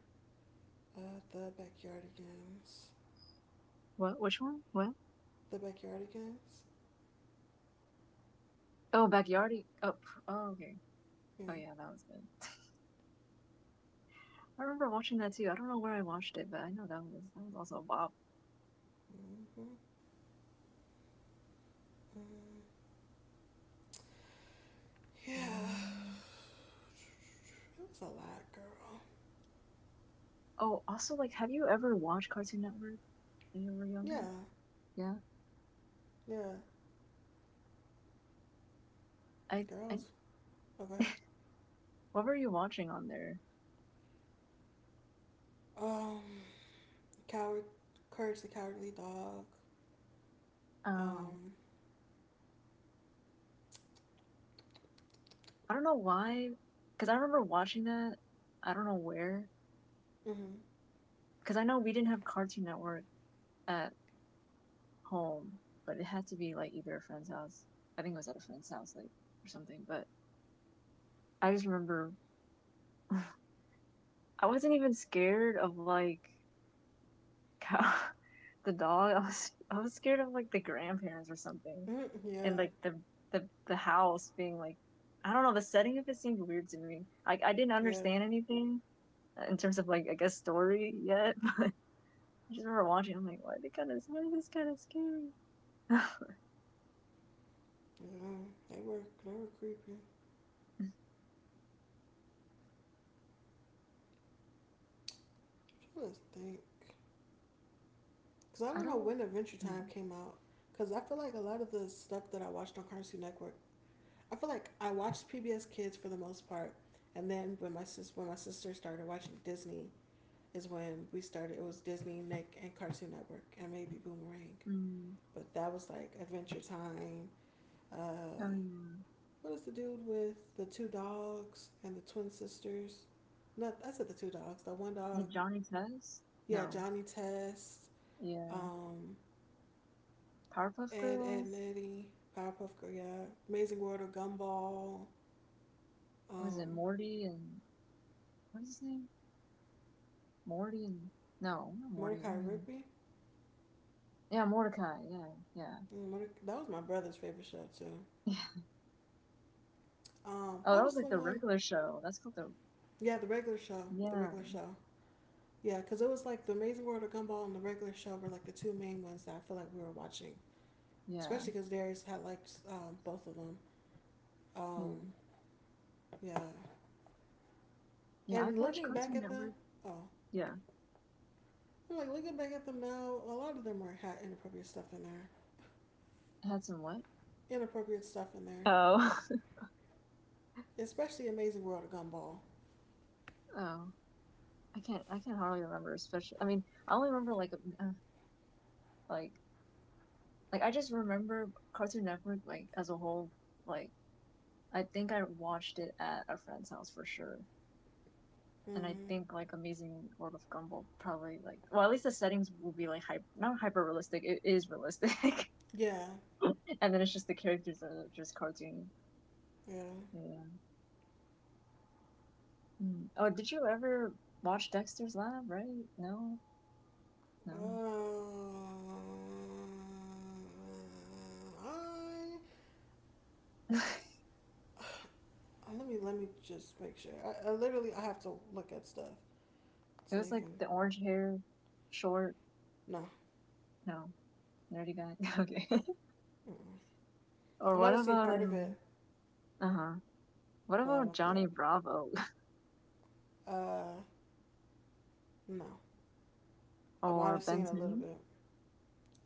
[SPEAKER 1] Uh, the Backyardigans.
[SPEAKER 2] what? Which one? What?
[SPEAKER 1] The Backyardigans?
[SPEAKER 2] Oh, Backyardy. Oh, oh okay.
[SPEAKER 1] Yeah.
[SPEAKER 2] Oh, yeah, that was good. I remember watching that too. I don't know where I watched it, but I know that was that was also a bop.
[SPEAKER 1] Mm-hmm. Mm.
[SPEAKER 2] Mm.
[SPEAKER 1] It was a lot, girl.
[SPEAKER 2] Oh, also, like, have you ever watched Cartoon Network when you were
[SPEAKER 1] Yeah,
[SPEAKER 2] younger? Yeah.
[SPEAKER 1] yeah.
[SPEAKER 2] I, I
[SPEAKER 1] Girls. Okay.
[SPEAKER 2] what were you watching on there?
[SPEAKER 1] Um, Coward, Courage the Cowardly Dog.
[SPEAKER 2] Um,
[SPEAKER 1] Um,
[SPEAKER 2] I don't know why, because I remember watching that. I don't know where,
[SPEAKER 1] mm-hmm.
[SPEAKER 2] because I know we didn't have Cartoon Network at home, but it had to be like either a friend's house. I think it was at a friend's house, like, or something. But I just remember I wasn't even scared of like cow the dog. I was I was scared of like the grandparents or something,
[SPEAKER 1] Mm-hmm.
[SPEAKER 2] and
[SPEAKER 1] Yeah,
[SPEAKER 2] like the the the house being like I don't know the setting of it seemed weird to me. I I didn't
[SPEAKER 1] yeah,
[SPEAKER 2] understand anything uh, in terms of like I guess story yet, but I just remember watching. I'm like, why they kind of why is this kind of scary? I
[SPEAKER 1] yeah. They were, they were creepy. Let's think. Because I
[SPEAKER 2] don't.
[SPEAKER 1] don't know
[SPEAKER 2] Know.
[SPEAKER 1] when Adventure Time
[SPEAKER 2] Hmm.
[SPEAKER 1] came out. Because I feel like a lot of the stuff that I watched on Cartoon Network, I feel like I watched P B S Kids for the most part, and then when my sis when my sister started watching Disney is when we started. It was Disney, Nick, and Cartoon Network, and maybe Boomerang.
[SPEAKER 2] Mm.
[SPEAKER 1] But that was like Adventure Time. Uh,
[SPEAKER 2] Oh yeah,
[SPEAKER 1] what is the dude with the two dogs and the twin sisters? No, I said the two dogs. The one
[SPEAKER 2] is
[SPEAKER 1] dog,
[SPEAKER 2] it Johnny Test?
[SPEAKER 1] yeah,
[SPEAKER 2] No,
[SPEAKER 1] Johnny Test,
[SPEAKER 2] yeah,
[SPEAKER 1] um,
[SPEAKER 2] Powerpuff
[SPEAKER 1] Ed, Ed, and
[SPEAKER 2] Girls.
[SPEAKER 1] Eddie, Powerpuff Girl, yeah, Amazing World of Gumball,
[SPEAKER 2] Was it
[SPEAKER 1] um,
[SPEAKER 2] Morty and what is his name? Morty and no, not Morty. I
[SPEAKER 1] Mordecai
[SPEAKER 2] mean
[SPEAKER 1] Rigby.
[SPEAKER 2] Yeah, Mordecai. Yeah, yeah,
[SPEAKER 1] Mm, that was my brother's favorite show too.
[SPEAKER 2] yeah.
[SPEAKER 1] Um,
[SPEAKER 2] Oh,
[SPEAKER 1] what
[SPEAKER 2] that was
[SPEAKER 1] was
[SPEAKER 2] like
[SPEAKER 1] the
[SPEAKER 2] the
[SPEAKER 1] one?
[SPEAKER 2] regular show. That's called the.
[SPEAKER 1] Yeah, the regular show. The
[SPEAKER 2] Yeah,
[SPEAKER 1] regular show. Yeah, because it was like the Amazing World of Gumball and the regular show were like the two main ones that I feel like we were watching,
[SPEAKER 2] yeah,
[SPEAKER 1] especially because Darius had like um, both of them. Um,
[SPEAKER 2] yeah,
[SPEAKER 1] yeah,
[SPEAKER 2] yeah. I
[SPEAKER 1] and
[SPEAKER 2] watched
[SPEAKER 1] looking back
[SPEAKER 2] Cartoon
[SPEAKER 1] at them,
[SPEAKER 2] Network.
[SPEAKER 1] oh,
[SPEAKER 2] Yeah,
[SPEAKER 1] I'm like looking back at them now. A lot of them were had inappropriate stuff in there.
[SPEAKER 2] it had some what?
[SPEAKER 1] Inappropriate stuff in there,
[SPEAKER 2] Oh,
[SPEAKER 1] especially Amazing World of Gumball.
[SPEAKER 2] oh. I can't. I can hardly remember. Especially, I mean, I only remember like, uh, like, like I just remember Cartoon Network like as a whole. Like, I think I watched it at a friend's house for sure. And I
[SPEAKER 1] Hmm.
[SPEAKER 2] think like Amazing World of Gumball probably like well at least the settings will be like hyper not hyper realistic it is realistic
[SPEAKER 1] Yeah,
[SPEAKER 2] and then it's just the characters are just cartoony.
[SPEAKER 1] yeah.
[SPEAKER 2] Yeah. Mm. Oh, did you ever watch Dexter's Lab? Right? No,
[SPEAKER 1] Um,
[SPEAKER 2] no.
[SPEAKER 1] I,
[SPEAKER 2] it
[SPEAKER 1] uh, let me let me just make sure. I, I literally I have to look at stuff to
[SPEAKER 2] was like
[SPEAKER 1] even
[SPEAKER 2] the orange hair, short.
[SPEAKER 1] no.
[SPEAKER 2] No, nerdy guy. okay.
[SPEAKER 1] Mm-mm. I
[SPEAKER 2] or
[SPEAKER 1] might
[SPEAKER 2] what
[SPEAKER 1] have seen
[SPEAKER 2] about
[SPEAKER 1] part of it,
[SPEAKER 2] um? Uh huh. What
[SPEAKER 1] but I
[SPEAKER 2] about
[SPEAKER 1] don't think.
[SPEAKER 2] Johnny Bravo
[SPEAKER 1] Uh, no. I might
[SPEAKER 2] or
[SPEAKER 1] have
[SPEAKER 2] Ben
[SPEAKER 1] seen a little
[SPEAKER 2] Ten?
[SPEAKER 1] bit.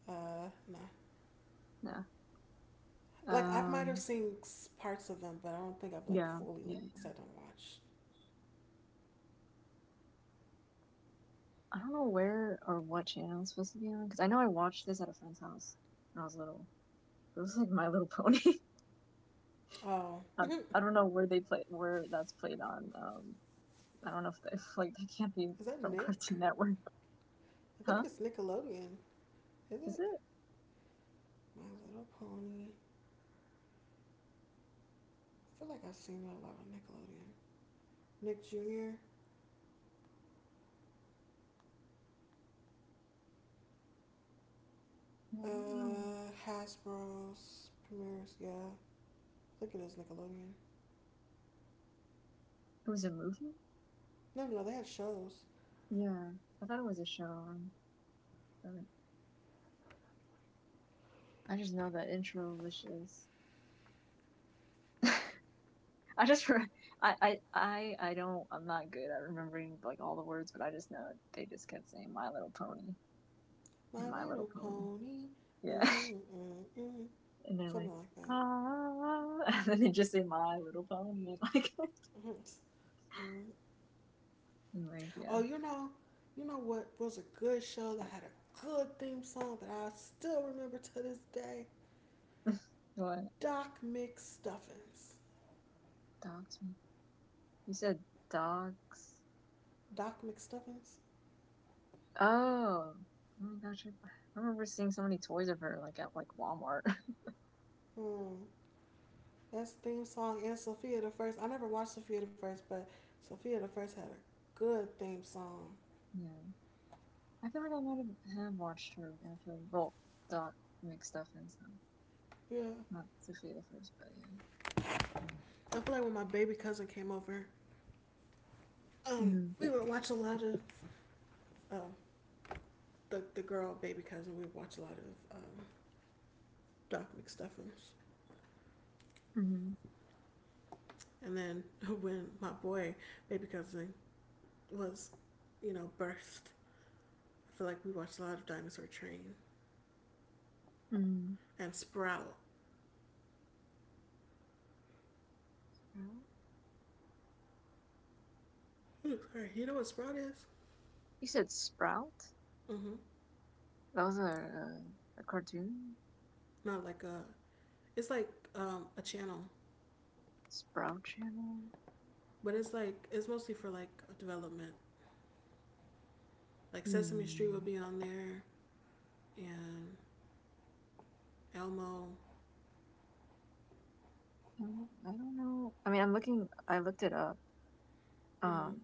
[SPEAKER 1] Uh, no.
[SPEAKER 2] No.
[SPEAKER 1] Like I might have
[SPEAKER 2] Um.
[SPEAKER 1] seen parts of them, but I don't think I've like
[SPEAKER 2] Yeah,
[SPEAKER 1] fully like
[SPEAKER 2] yeah. yeah.
[SPEAKER 1] sat down and watched.
[SPEAKER 2] I don't know where or what channel it's supposed to be on because I know I watched this at a friend's house when I was little. It was like My Little Pony.
[SPEAKER 1] Oh,
[SPEAKER 2] Um, I don't know where they play where that's played on. Um, I don't know if they, like that can't be
[SPEAKER 1] is that
[SPEAKER 2] from
[SPEAKER 1] Nick?
[SPEAKER 2] Cartoon Network,
[SPEAKER 1] I think
[SPEAKER 2] huh?
[SPEAKER 1] it's Nickelodeon. Is
[SPEAKER 2] Is
[SPEAKER 1] it?
[SPEAKER 2] it?
[SPEAKER 1] My Little Pony. I feel like I've seen a lot of Nickelodeon. Nick junior
[SPEAKER 2] I don't know.
[SPEAKER 1] Uh, Hasbro's premieres. Yeah, look at this Nickelodeon.
[SPEAKER 2] It was a movie.
[SPEAKER 1] No, no, no, they had shows.
[SPEAKER 2] Yeah, I thought it was a show. Um, but I just know that intro was just. I just re- I, I I I don't I'm not good at remembering like all the words, but I just know it. They just kept saying My Little Pony
[SPEAKER 1] My
[SPEAKER 2] and My Little
[SPEAKER 1] Little
[SPEAKER 2] Pony.
[SPEAKER 1] Pony.
[SPEAKER 2] Yeah,
[SPEAKER 1] Mm-hmm, mm-hmm, mm-hmm.
[SPEAKER 2] and they're like
[SPEAKER 1] Something like that.
[SPEAKER 2] ah, and then they just say My Little Pony, like
[SPEAKER 1] Mm-hmm. Mm-hmm.
[SPEAKER 2] and like yeah.
[SPEAKER 1] Oh, you know, you know what was a good show that had a good theme song that I still remember to this day?
[SPEAKER 2] What?
[SPEAKER 1] Doc McStuffins.
[SPEAKER 2] Dogs? You said dogs.
[SPEAKER 1] Doc McStuffins?
[SPEAKER 2] Oh. Oh my gosh, I remember seeing so many toys of her like at like Walmart.
[SPEAKER 1] Hmm. That's theme song and Sophia the First. I never watched Sophia the First, but Sophia the First had a good theme song.
[SPEAKER 2] yeah, I feel like I might have, have watched her actually. Well, Doc make stuff and stuff.
[SPEAKER 1] Yeah.
[SPEAKER 2] Not Sophia the First, but yeah.
[SPEAKER 1] I feel like when my baby cousin came over, um,
[SPEAKER 2] Mm-hmm.
[SPEAKER 1] we would watch a lot of um, the the girl baby cousin. We would watch a lot of um, Doc McStuffins.
[SPEAKER 2] Mm-hmm.
[SPEAKER 1] And then when my boy baby cousin was, you know, birthed, I feel like we watched a lot of Dinosaur Train
[SPEAKER 2] mm
[SPEAKER 1] and Sprout. Ooh, sorry, you know what Sprout is?
[SPEAKER 2] You said Sprout?
[SPEAKER 1] Mm-hmm.
[SPEAKER 2] That was a a, a cartoon
[SPEAKER 1] Not like a. It's like um, a channel.
[SPEAKER 2] Sprout channel.
[SPEAKER 1] But it's like it's mostly for like development. Like Sesame Street would
[SPEAKER 2] Hmm.
[SPEAKER 1] be on there, and Elmo,
[SPEAKER 2] I don't, I don't know. I mean, I'm looking. I looked it up.
[SPEAKER 1] mm,
[SPEAKER 2] Um,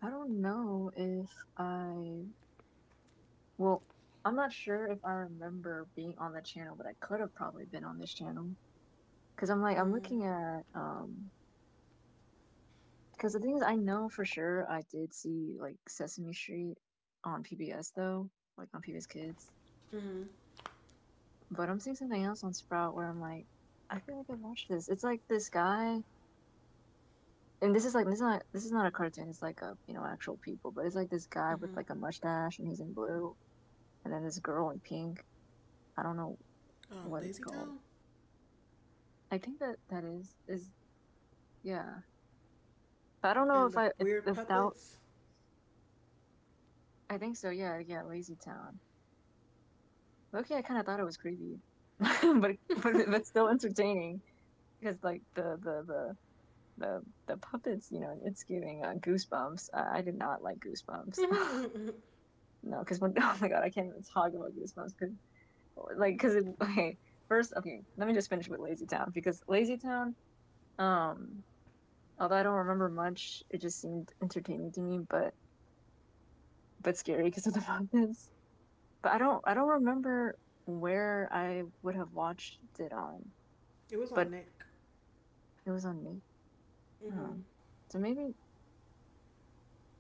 [SPEAKER 2] I don't know if I, well, I'm not sure if I remember being on the channel, but I could have probably been on this channel. Because I'm like, I'm
[SPEAKER 1] mm,
[SPEAKER 2] looking at, um, because the thing is, I know for sure I did see like Sesame Street on P B S though, like on P B S Kids.
[SPEAKER 1] mm,
[SPEAKER 2] But I'm seeing something else on Sprout where I'm like, I feel like I've watched this. It's like this guy, and this is like this is not this is not a cartoon. It's like a you know actual people, but it's like this guy with
[SPEAKER 1] mm,
[SPEAKER 2] like a mustache and he's in blue, and then this girl in pink. I don't know
[SPEAKER 1] um,
[SPEAKER 2] what it's
[SPEAKER 1] Lazy
[SPEAKER 2] called.
[SPEAKER 1] Town,
[SPEAKER 2] I think that that is is yeah. But I don't know
[SPEAKER 1] and
[SPEAKER 2] if
[SPEAKER 1] the
[SPEAKER 2] I if
[SPEAKER 1] weird
[SPEAKER 2] if that
[SPEAKER 1] puppets.
[SPEAKER 2] I think so. Yeah, yeah, Lazy Town. Okay, I kind of thought it was creepy, but but but still entertaining because like the the the the the puppets, you know, it's giving uh, goosebumps. I, I did not like goosebumps.
[SPEAKER 1] Mm-hmm. Mm-hmm.
[SPEAKER 2] No, because when oh my god, I can't even talk about goosebumps because like because okay first okay let me just finish with Lazy Town because Lazy Town um although I don't remember much, it just seemed entertaining to me. But but scary because of the puppets. But I don't I don't remember where I would have watched it on,
[SPEAKER 1] It was on
[SPEAKER 2] but
[SPEAKER 1] Nick.
[SPEAKER 2] it was on Nick.
[SPEAKER 1] Mm-hmm.
[SPEAKER 2] Oh. So maybe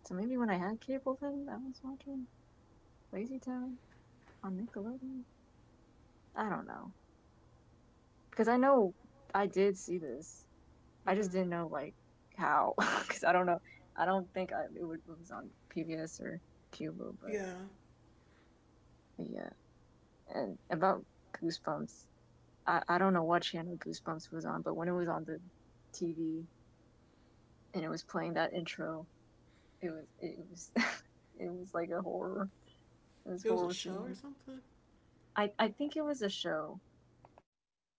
[SPEAKER 2] so maybe when I had cable then I was watching Lazy Town on Nickelodeon. I don't know because I know I did see this. I just
[SPEAKER 1] Mm-hmm.
[SPEAKER 2] didn't know like how because I don't know. I don't think I, it, would, it was on P B S or Cubo, but,
[SPEAKER 1] Yeah,
[SPEAKER 2] but yeah. And about Goosebumps, I, I don't know what channel Goosebumps was on, but when it was on the T V and it was playing that intro, it was it was it was like a horror. It was
[SPEAKER 1] it was a
[SPEAKER 2] horror to
[SPEAKER 1] show or
[SPEAKER 2] me.
[SPEAKER 1] something.
[SPEAKER 2] I I think it was a show.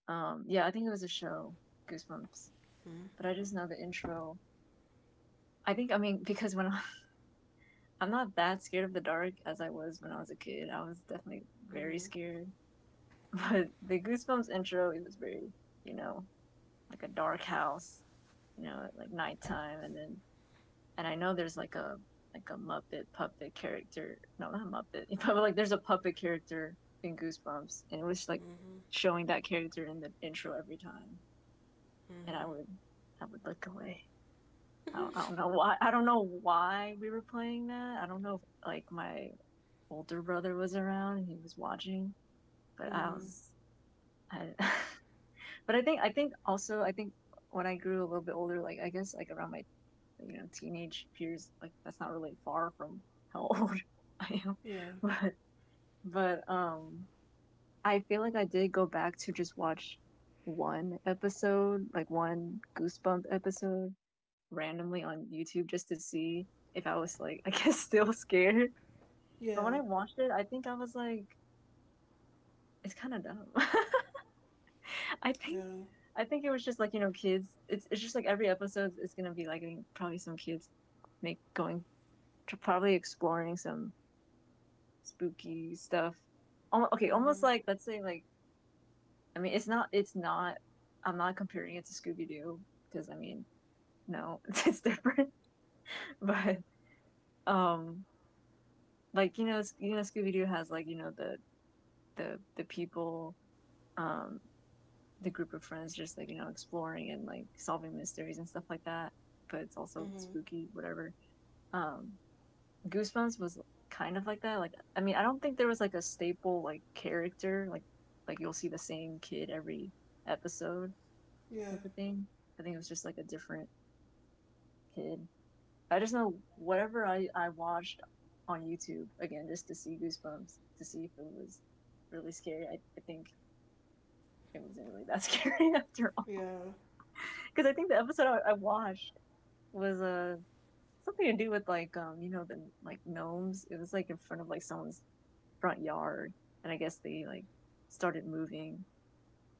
[SPEAKER 2] Um, yeah, I think it was a show, Goosebumps.
[SPEAKER 1] Mm.
[SPEAKER 2] But I just know the intro. I think I mean because when I, I'm not that scared of the dark as I was when I was a kid, I was definitely very
[SPEAKER 1] Mm-hmm.
[SPEAKER 2] scared. But the Goosebumps intro, it was very you know like a dark house, you know, at like nighttime, and then and I know there's like a like a Muppet puppet character. No, not Muppet, but like there's a puppet character in Goosebumps, and it was like
[SPEAKER 1] Mm-hmm.
[SPEAKER 2] showing that character in the intro every time, and I would I would look away. I don't, I don't know why. I don't know why we were playing that. I don't know if like my older brother was around and he was watching, but
[SPEAKER 1] Mm-hmm.
[SPEAKER 2] I
[SPEAKER 1] Mm-hmm.
[SPEAKER 2] was I. But I think I think also I think when I grew a little bit older, like I guess like around my you know teenage years, like that's not really far from how old I am.
[SPEAKER 1] Yeah.
[SPEAKER 2] But but um I feel like I did go back to just watch one episode, like one goosebump episode randomly on YouTube just to see if I was like I guess still scared. But
[SPEAKER 1] Yeah.
[SPEAKER 2] when I watched it, I think I was like, it's kind of dumb. I think
[SPEAKER 1] Yeah.
[SPEAKER 2] I think it was just like, you know, kids. It's it's just like every episode is gonna be like I think probably some kids make going to probably exploring some spooky stuff. Almo okay, almost
[SPEAKER 1] Mm-hmm.
[SPEAKER 2] like let's say like I mean it's not it's not I'm not comparing it to Scooby Doo because I mean no it's different but um like you know you know Scooby Doo has like you know the the the people um the group of friends just like you know exploring and like solving mysteries and stuff like that but it's also
[SPEAKER 1] Mm-hmm.
[SPEAKER 2] spooky whatever um goosebumps was kind of like that like I mean I don't think there was like a staple like character like like you'll see the same kid every episode type
[SPEAKER 1] Yeah.
[SPEAKER 2] of thing I think it was just like a different kid I just know whatever i i watched on YouTube again just to see goosebumps to see if it was really scary i, I think it wasn't really that scary after all
[SPEAKER 1] Yeah.
[SPEAKER 2] because I think the episode I, I watched was a uh, something to do with like um you know the like gnomes. It was like in front of like someone's front yard, and I guess they like started moving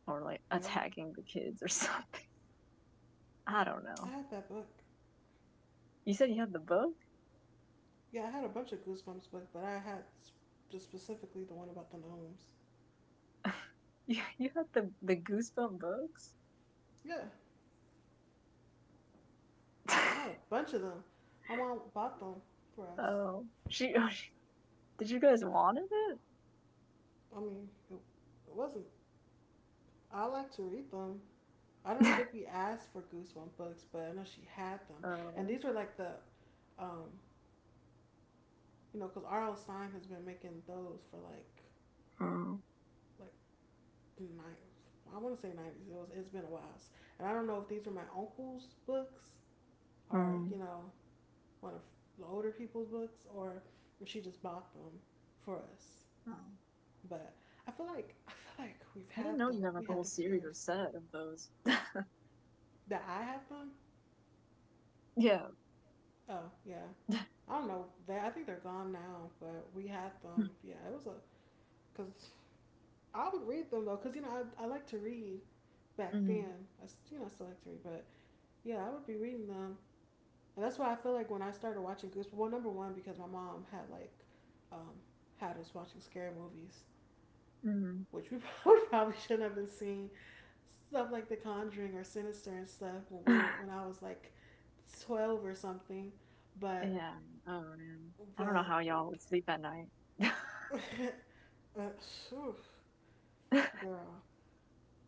[SPEAKER 2] or like
[SPEAKER 1] Yeah.
[SPEAKER 2] attacking the kids or something. I don't
[SPEAKER 1] I
[SPEAKER 2] know.
[SPEAKER 1] had that book.
[SPEAKER 2] You said you had the book.
[SPEAKER 1] Yeah, I had a bunch of Goosebumps books, but I had just specifically the one about the gnomes.
[SPEAKER 2] you you had the the goosebump books.
[SPEAKER 1] Yeah, I had a bunch of them. My mom bought them for us.
[SPEAKER 2] Oh, she, oh, she did. You guys wanted it.
[SPEAKER 1] I mean, it, it wasn't. I like to read them. I don't think we asked for Goosebumps books, but I know she had them. And
[SPEAKER 2] Oh.
[SPEAKER 1] these were like the, um, you know, because R L. Stein has been making those for like,
[SPEAKER 2] Mm,
[SPEAKER 1] like nine. I want to say nineties. It was. It's been a while, and I don't know if these are my uncle's books or you
[SPEAKER 2] mm.
[SPEAKER 1] know one of the older people's books or if she just bought them for us.
[SPEAKER 2] Oh,
[SPEAKER 1] But I feel like I feel like we've
[SPEAKER 2] I didn't
[SPEAKER 1] had
[SPEAKER 2] know
[SPEAKER 1] them.
[SPEAKER 2] you had
[SPEAKER 1] We
[SPEAKER 2] like a
[SPEAKER 1] had
[SPEAKER 2] whole
[SPEAKER 1] them for
[SPEAKER 2] series or
[SPEAKER 1] years.
[SPEAKER 2] set of those.
[SPEAKER 1] That I have them.
[SPEAKER 2] Yeah.
[SPEAKER 1] Oh yeah, I don't know. They. I think they're gone now, but we had them. Yeah, it was a because I would read them though, because you know I I like to read back
[SPEAKER 2] Mm,
[SPEAKER 1] then. I you know I still like to read, but yeah, I would be reading them, and that's why I feel like when I started watching Goosebumps. Well, number one because my mom had like um had us watching scary movies,
[SPEAKER 2] mm.
[SPEAKER 1] which we probably, shouldn't have been seeing stuff like The Conjuring or Sinister and stuff when we were when I was like twelve or something. But
[SPEAKER 2] Yeah. Oh man. I don't know
[SPEAKER 1] but
[SPEAKER 2] how y'all would sleep at night.
[SPEAKER 1] uh, whew, girl,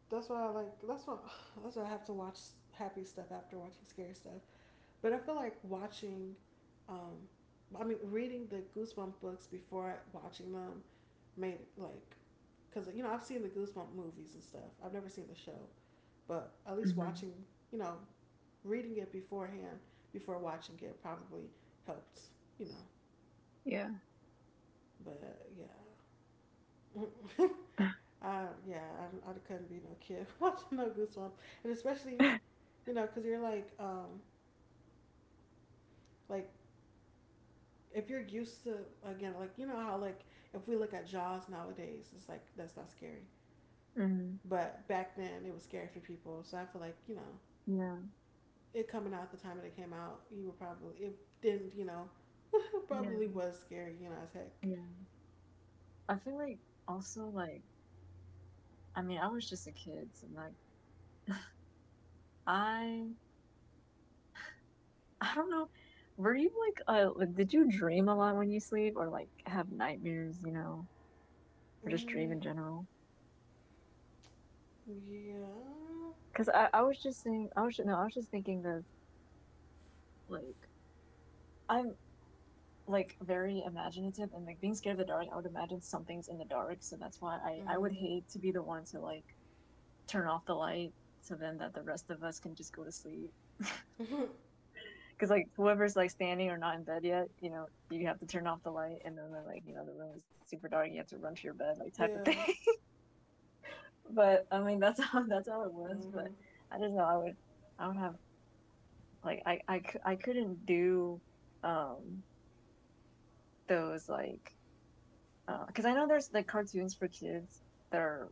[SPEAKER 1] that's why I like that's why that's why I have to watch happy stuff after watching scary stuff. But I feel like watching, um, I mean, reading the Goosebump books before watching them made it like, cause you know I've seen the Goosebump movies and stuff. I've never seen the show, but at least
[SPEAKER 2] Mhm.
[SPEAKER 1] watching you know reading it beforehand before watching it probably helped, you know.
[SPEAKER 2] Yeah.
[SPEAKER 1] But yeah, uh, yeah, I, I couldn't be no kid watching no Goosebumps, and especially you know because you're like um like if you're used to again like you know how like if we look at Jaws nowadays, it's like that's not scary,
[SPEAKER 2] Mhm.
[SPEAKER 1] but back then it was scary for people. So I feel like you know
[SPEAKER 2] Yeah.
[SPEAKER 1] it coming out the time that it came out, you were probably it didn't you know it probably
[SPEAKER 2] Yeah.
[SPEAKER 1] was scary you know as heck.
[SPEAKER 2] Yeah. I feel like also like I mean I was just a kid, so like I I don't know. Were you like uh like, did you dream a lot when you sleep or like have nightmares, you know, or just dream
[SPEAKER 1] Mm,
[SPEAKER 2] in general?
[SPEAKER 1] yeah.
[SPEAKER 2] Because I I was just saying I was no I was just thinking that, like I'm like very imaginative and like being scared of the dark I would imagine something's in the dark so that's why i i would
[SPEAKER 1] Mhm.
[SPEAKER 2] hate to be the one to like turn off the light so then that the rest of us can just go to sleep because like whoever's like standing or not in bed yet you know you have to turn off the light and then like you know the room is super
[SPEAKER 1] Yeah.
[SPEAKER 2] dark you have to run to your bed like type of thing but I mean that's how
[SPEAKER 1] Mhm.
[SPEAKER 2] that's how it was but I didn't know I would I would have like i i, I couldn't do um those like because uh, I know there's like cartoons for kids that are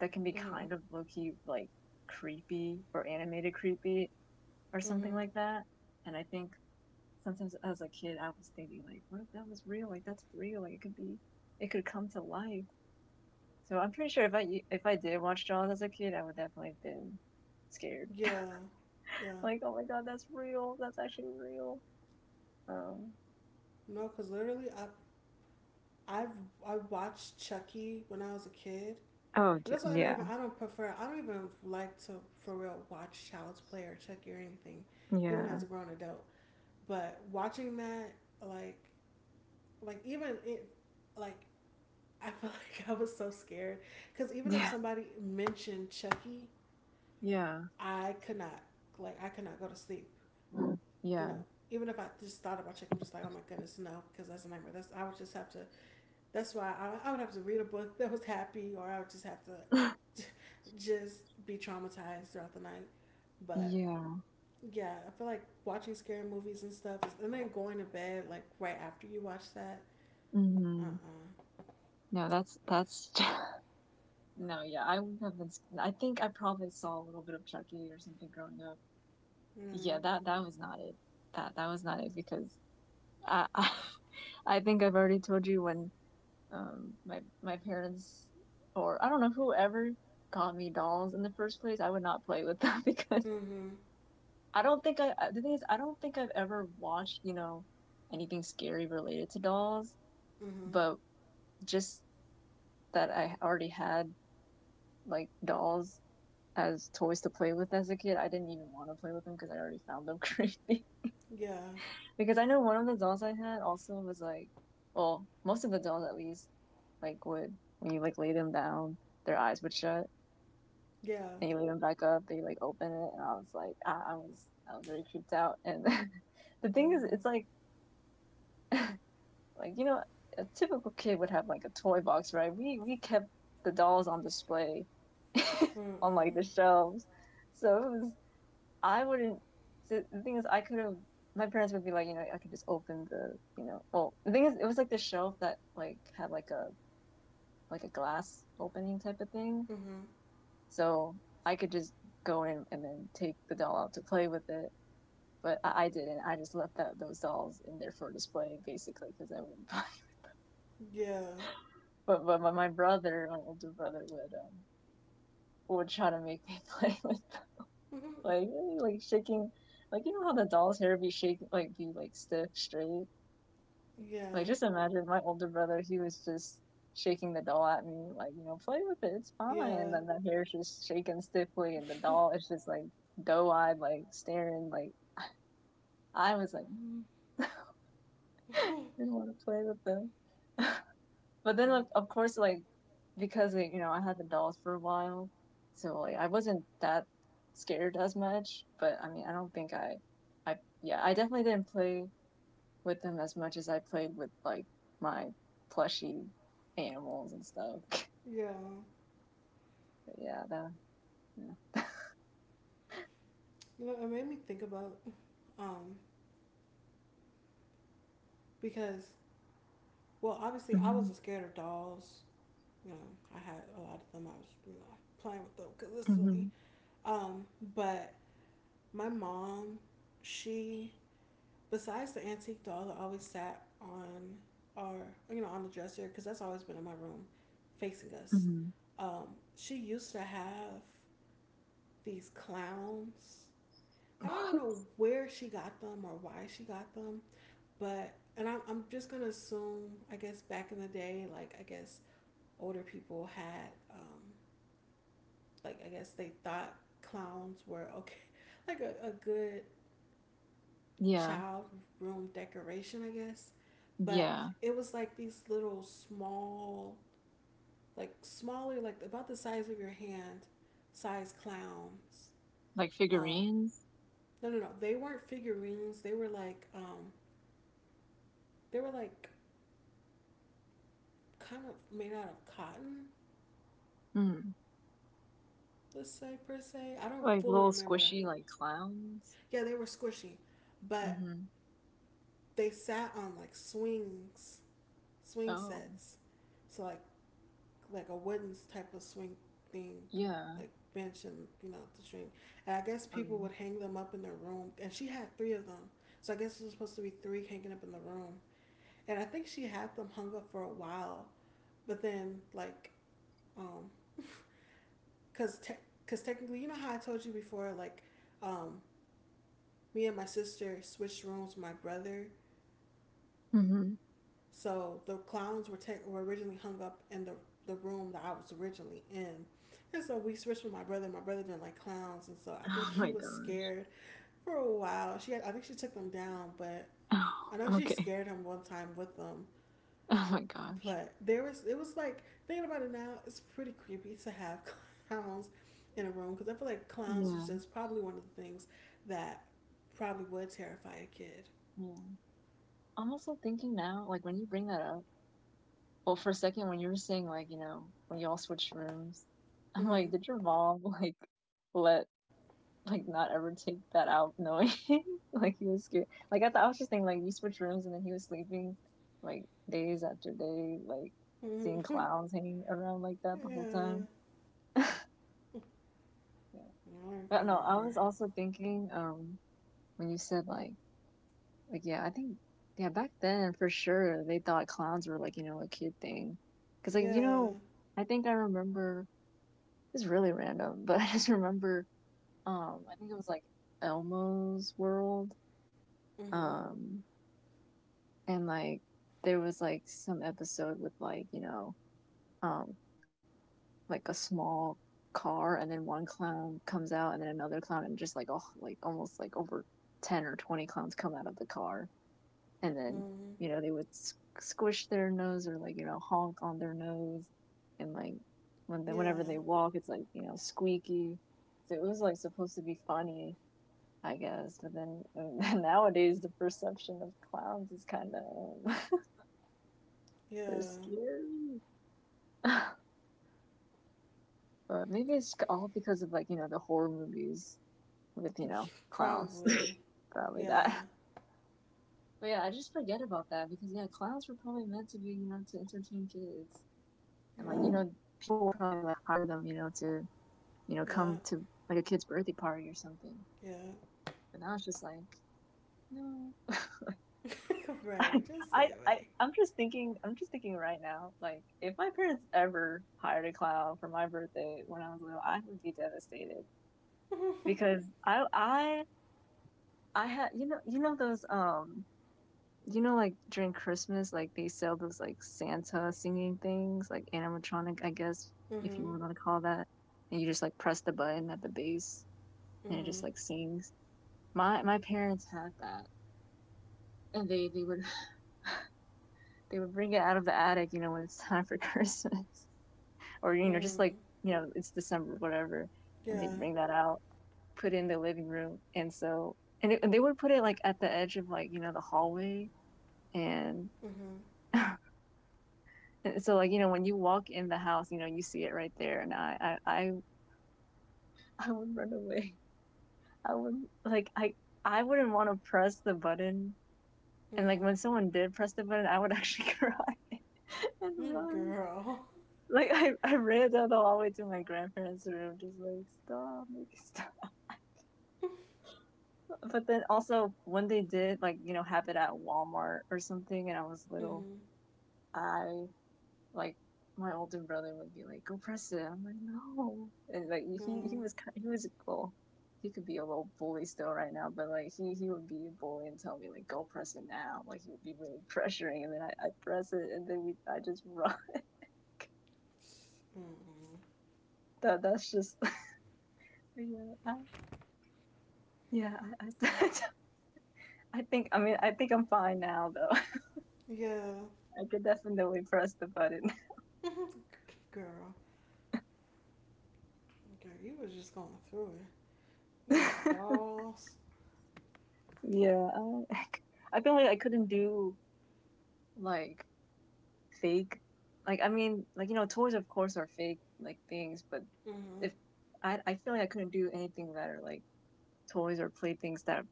[SPEAKER 2] that can be
[SPEAKER 1] Mhm.
[SPEAKER 2] kind of low key like creepy or animated creepy or something
[SPEAKER 1] Mhm.
[SPEAKER 2] like that. And I think sometimes as a kid, I was thinking like, what if that was real? Like that's real. Like it could be, it could come to life. So I'm pretty sure if I if I did watch Jaws as a kid, I would definitely have been scared.
[SPEAKER 1] Yeah. Yeah.
[SPEAKER 2] Like, oh my god, that's real. That's actually real. Um.
[SPEAKER 1] No, because literally, I I've I watched Chucky when I was a kid.
[SPEAKER 2] Oh
[SPEAKER 1] And
[SPEAKER 2] d-
[SPEAKER 1] that's why I don't
[SPEAKER 2] yeah,
[SPEAKER 1] even I don't prefer I don't even like to for real watch Child's Play or Chucky or anything, even as
[SPEAKER 2] yeah,
[SPEAKER 1] a grown adult. But watching that like like even it like I feel like I was so scared because even if
[SPEAKER 2] yeah,
[SPEAKER 1] somebody mentioned Chucky
[SPEAKER 2] yeah,
[SPEAKER 1] I could not like I could not go to sleep. You
[SPEAKER 2] yeah,
[SPEAKER 1] know, even if I just thought about chicken, I'm just like, oh my goodness, no, because that's a nightmare. That's I would just have to. That's why I, I would have to read a book that was happy, or I would just have to just be traumatized throughout the night. But
[SPEAKER 2] yeah.
[SPEAKER 1] yeah, I feel like watching scary movies and stuff, and then going to bed like right after you watch that. Uh
[SPEAKER 2] Mhm.
[SPEAKER 1] uh.
[SPEAKER 2] No, that's that's no, yeah, I wouldn't have been. S- I think I probably saw a little bit of Chucky or something growing up. Yeah,
[SPEAKER 1] Mm.
[SPEAKER 2] that that was not it. That that was not it because I I, I think I've already told you when um my my parents or I don't know whoever got me dolls in the first place, I would not play with them because
[SPEAKER 1] Uh. Mm
[SPEAKER 2] I don't think I I- the thing is I don't think I've ever watched, you know, anything scary related to dolls,
[SPEAKER 1] hmm. Mm hmm.
[SPEAKER 2] but just that I already had like dolls as toys to play with as a kid. I didn't even want to play with them because I already found them creepy.
[SPEAKER 1] Yeah.
[SPEAKER 2] Because I know one of the dolls I had also was like, well, most of the dolls at least, like would when you like lay them down, their eyes would shut,
[SPEAKER 1] Yeah.
[SPEAKER 2] and you lay them back up, they like open it, and I was like, I, I was I was very creeped out. And the thing is,
[SPEAKER 1] Mm
[SPEAKER 2] it's like, like you know, a typical kid would have like a toy box, right? We we kept the dolls on display
[SPEAKER 1] hmm. Mm
[SPEAKER 2] on like
[SPEAKER 1] mm.
[SPEAKER 2] the shelves, so it was I wouldn't. So the thing is, I could have. My parents would be like, you know, I could just open the, you know, well, the thing is, it was like the shelf that like had like a like a glass opening type of thing.
[SPEAKER 1] Mm hmm.
[SPEAKER 2] So I could just go in and then take the doll out to play with it. But I, I didn't. I just left that, those dolls in there for display, basically, because I wouldn't play.
[SPEAKER 1] Yeah.
[SPEAKER 2] But but my, my brother, my older brother, would um would try to make me play with them.
[SPEAKER 1] Mhm.
[SPEAKER 2] like like shaking, like you know how the doll's hair be shaking, like be like stiff straight.
[SPEAKER 1] Yeah,
[SPEAKER 2] Like, just imagine my older brother, he was just shaking the doll at me, like, you know, play with it, it's fine. And
[SPEAKER 1] yeah,
[SPEAKER 2] then the hair's just shaking stiffly, and the doll is just like doe eyed, like staring. Like, I was like, mm. I didn't want to play with them. But then, like, of course, like, because, like, you know, I had the dolls for a while, so like, I wasn't that scared as much. But I mean, I don't think I, I, yeah, I definitely didn't play with them as much as I played with like my plushy animals and stuff.
[SPEAKER 1] yeah.
[SPEAKER 2] But yeah, that, yeah.
[SPEAKER 1] You know, it made me think about um because well, obviously I
[SPEAKER 2] Mm-hmm.
[SPEAKER 1] wasn't scared of dolls. You know, I had a lot of them. I was you know playing with them because it's
[SPEAKER 2] Mm-hmm.
[SPEAKER 1] silly. Um, but my mom, she besides the antique doll that always sat on our you know on the dresser because that's always been in my room, facing us.
[SPEAKER 2] Mm-hmm.
[SPEAKER 1] Um, she used to have these clowns. And I don't
[SPEAKER 2] What?
[SPEAKER 1] know where she got them or why she got them, but and I'm, I'm just gonna assume I guess back in the day, like I guess older people had um, like I guess they thought clowns were okay, like a, a good
[SPEAKER 2] Yeah,
[SPEAKER 1] child room decoration, I guess. But
[SPEAKER 2] yeah.
[SPEAKER 1] it was like these little small, like smaller, like about the size of your hand, size clowns.
[SPEAKER 2] Like
[SPEAKER 1] Um,
[SPEAKER 2] figurines,
[SPEAKER 1] no, no, no. They weren't figurines. They were like, um, they were like kind of made out of cotton,
[SPEAKER 2] mm.
[SPEAKER 1] let's say, per se. I don't
[SPEAKER 2] Like
[SPEAKER 1] fully
[SPEAKER 2] little
[SPEAKER 1] remember.
[SPEAKER 2] squishy like clowns.
[SPEAKER 1] Yeah, they were squishy, but
[SPEAKER 2] Mm-hmm.
[SPEAKER 1] they sat on like swings, swing
[SPEAKER 2] Oh,
[SPEAKER 1] sets. So, like, like a wooden type of swing thing,
[SPEAKER 2] yeah.
[SPEAKER 1] like bench and, you know, the string. And I guess people
[SPEAKER 2] Um.
[SPEAKER 1] would hang them up in their room. And she had three of them. So I guess it was supposed to be three hanging up in the room. And I think she had them hung up for a while. But then, like, um, cause, te- cause technically, you know how I told you before, like, um, me and my sister switched rooms with my brother.
[SPEAKER 2] Mm-hmm.
[SPEAKER 1] So the clowns were ta- were originally hung up in the the room that I was originally in. And so we switched with my brother. My brother didn't like clowns, and so I think
[SPEAKER 2] Oh
[SPEAKER 1] he
[SPEAKER 2] my
[SPEAKER 1] was
[SPEAKER 2] gosh.
[SPEAKER 1] scared for a while. She, had, I think she took them down, but I know
[SPEAKER 2] Oh,
[SPEAKER 1] she
[SPEAKER 2] okay.
[SPEAKER 1] scared him one time with them.
[SPEAKER 2] Oh my gosh.
[SPEAKER 1] But there was, it was like thinking about it now, it's pretty creepy to have clowns in a room because I feel like clowns is
[SPEAKER 2] Yeah,
[SPEAKER 1] just probably one of the things that probably would terrify a kid.
[SPEAKER 2] yeah. I'm also thinking now, like when you bring that up. Well, for a second, when you were saying like, you know, when y'all switched rooms, I'm
[SPEAKER 1] Mm-hmm.
[SPEAKER 2] like, did your mom like let like not ever take that out knowing like he was scared? Like I thought I was just thinking like you switched rooms and then he was sleeping like days after day, like seeing
[SPEAKER 1] Mm-hmm.
[SPEAKER 2] clowns hanging around like that the whole
[SPEAKER 1] Yeah.
[SPEAKER 2] time. Yeah.
[SPEAKER 1] Now I
[SPEAKER 2] But no, I was
[SPEAKER 1] remember.
[SPEAKER 2] also thinking, um, when you said like like yeah, I think yeah, back then for sure they thought clowns were like, you know, a kid thing. Because like, you
[SPEAKER 1] Yeah.
[SPEAKER 2] know, I think I remember it's really random, but I just remember um I think it was like Elmo's World.
[SPEAKER 1] Mhm.
[SPEAKER 2] Um and like there was like some episode with like, you know, um like a small car and then one clown comes out and then another clown and just like oh like almost like over ten or twenty clowns come out of the car. And then
[SPEAKER 1] Mhm.
[SPEAKER 2] you know they would squish their nose or like you know honk on their nose. And like when they,
[SPEAKER 1] Yeah.
[SPEAKER 2] whenever they walk it's like you know squeaky, so it was like supposed to be funny, I guess. But then nowadays, the perception of clowns is kind of they're
[SPEAKER 1] Yeah.
[SPEAKER 2] scary. But maybe it's all because of like you know the horror movies with you know clowns.
[SPEAKER 1] Probably.
[SPEAKER 2] Probably
[SPEAKER 1] Yeah.
[SPEAKER 2] that. But yeah, I just forget about that because yeah, clowns were probably meant to be you know to entertain kids, and like you
[SPEAKER 1] Yeah.
[SPEAKER 2] know people would probably like hire them you know to you know come
[SPEAKER 1] Yeah.
[SPEAKER 2] to like a kid's birthday party or something.
[SPEAKER 1] Yeah.
[SPEAKER 2] But now it's just like no.
[SPEAKER 1] right. Just stay
[SPEAKER 2] I, I
[SPEAKER 1] away.
[SPEAKER 2] I'm just thinking, I'm just thinking right now, like if my parents ever hired a clown for my birthday when I was little, I would be devastated because I I I had you know you know those um you know like during Christmas, like they sell those like Santa singing things, like animatronic, I guess, if you
[SPEAKER 1] Mhm.
[SPEAKER 2] want to call that. And you just like press the button at the base, and it just
[SPEAKER 1] Mhm.
[SPEAKER 2] like sings. My my parents had that, and they they would they would bring it out of the attic, you know, when it's time for Christmas. Or, you know, just
[SPEAKER 1] Mhm.
[SPEAKER 2] like, you know, it's December, whatever. And they
[SPEAKER 1] Yeah.
[SPEAKER 2] bring that out, put it in the living room. And so, and, it, and they would put it like at the edge of like, you know, the hallway. And,
[SPEAKER 1] Mhm.
[SPEAKER 2] and so, like, you know, when you walk in the house, you know, you see it right there. And I, I, I, I would run away. I would, like, I, I wouldn't want to press the button. And like
[SPEAKER 1] Mhm.
[SPEAKER 2] when someone did press the button, I would actually cry and
[SPEAKER 1] Mm,
[SPEAKER 2] run.
[SPEAKER 1] Girl.
[SPEAKER 2] Like I, I ran down the hallway to my grandparents' room, just like stop, make it stop. But then also when they did like you know have it at Walmart or something, and I was little,
[SPEAKER 1] Mhm.
[SPEAKER 2] I like my older brother would be like, "Go press it." I'm like, "No," and like he he
[SPEAKER 1] Mhm.
[SPEAKER 2] was kind, he was, well, he could be a little bully still right now, but like he he would be a bully and tell me like, "Go press it now." Like he would be really pressuring, and then I I press it, and then we I just run.
[SPEAKER 1] Mhm.
[SPEAKER 2] That that's just yeah I, yeah I, I I think I mean, I think I'm fine now though.
[SPEAKER 1] Yeah.
[SPEAKER 2] I could definitely press the button.
[SPEAKER 1] Girl. Girl, you was just going through it. You know, like dolls.
[SPEAKER 2] Yeah, I, I feel like I couldn't do like fake. Like I mean, like you know, toys of course are fake like things, but
[SPEAKER 1] Mhm.
[SPEAKER 2] if I I feel like I couldn't do anything that are like toys or playthings that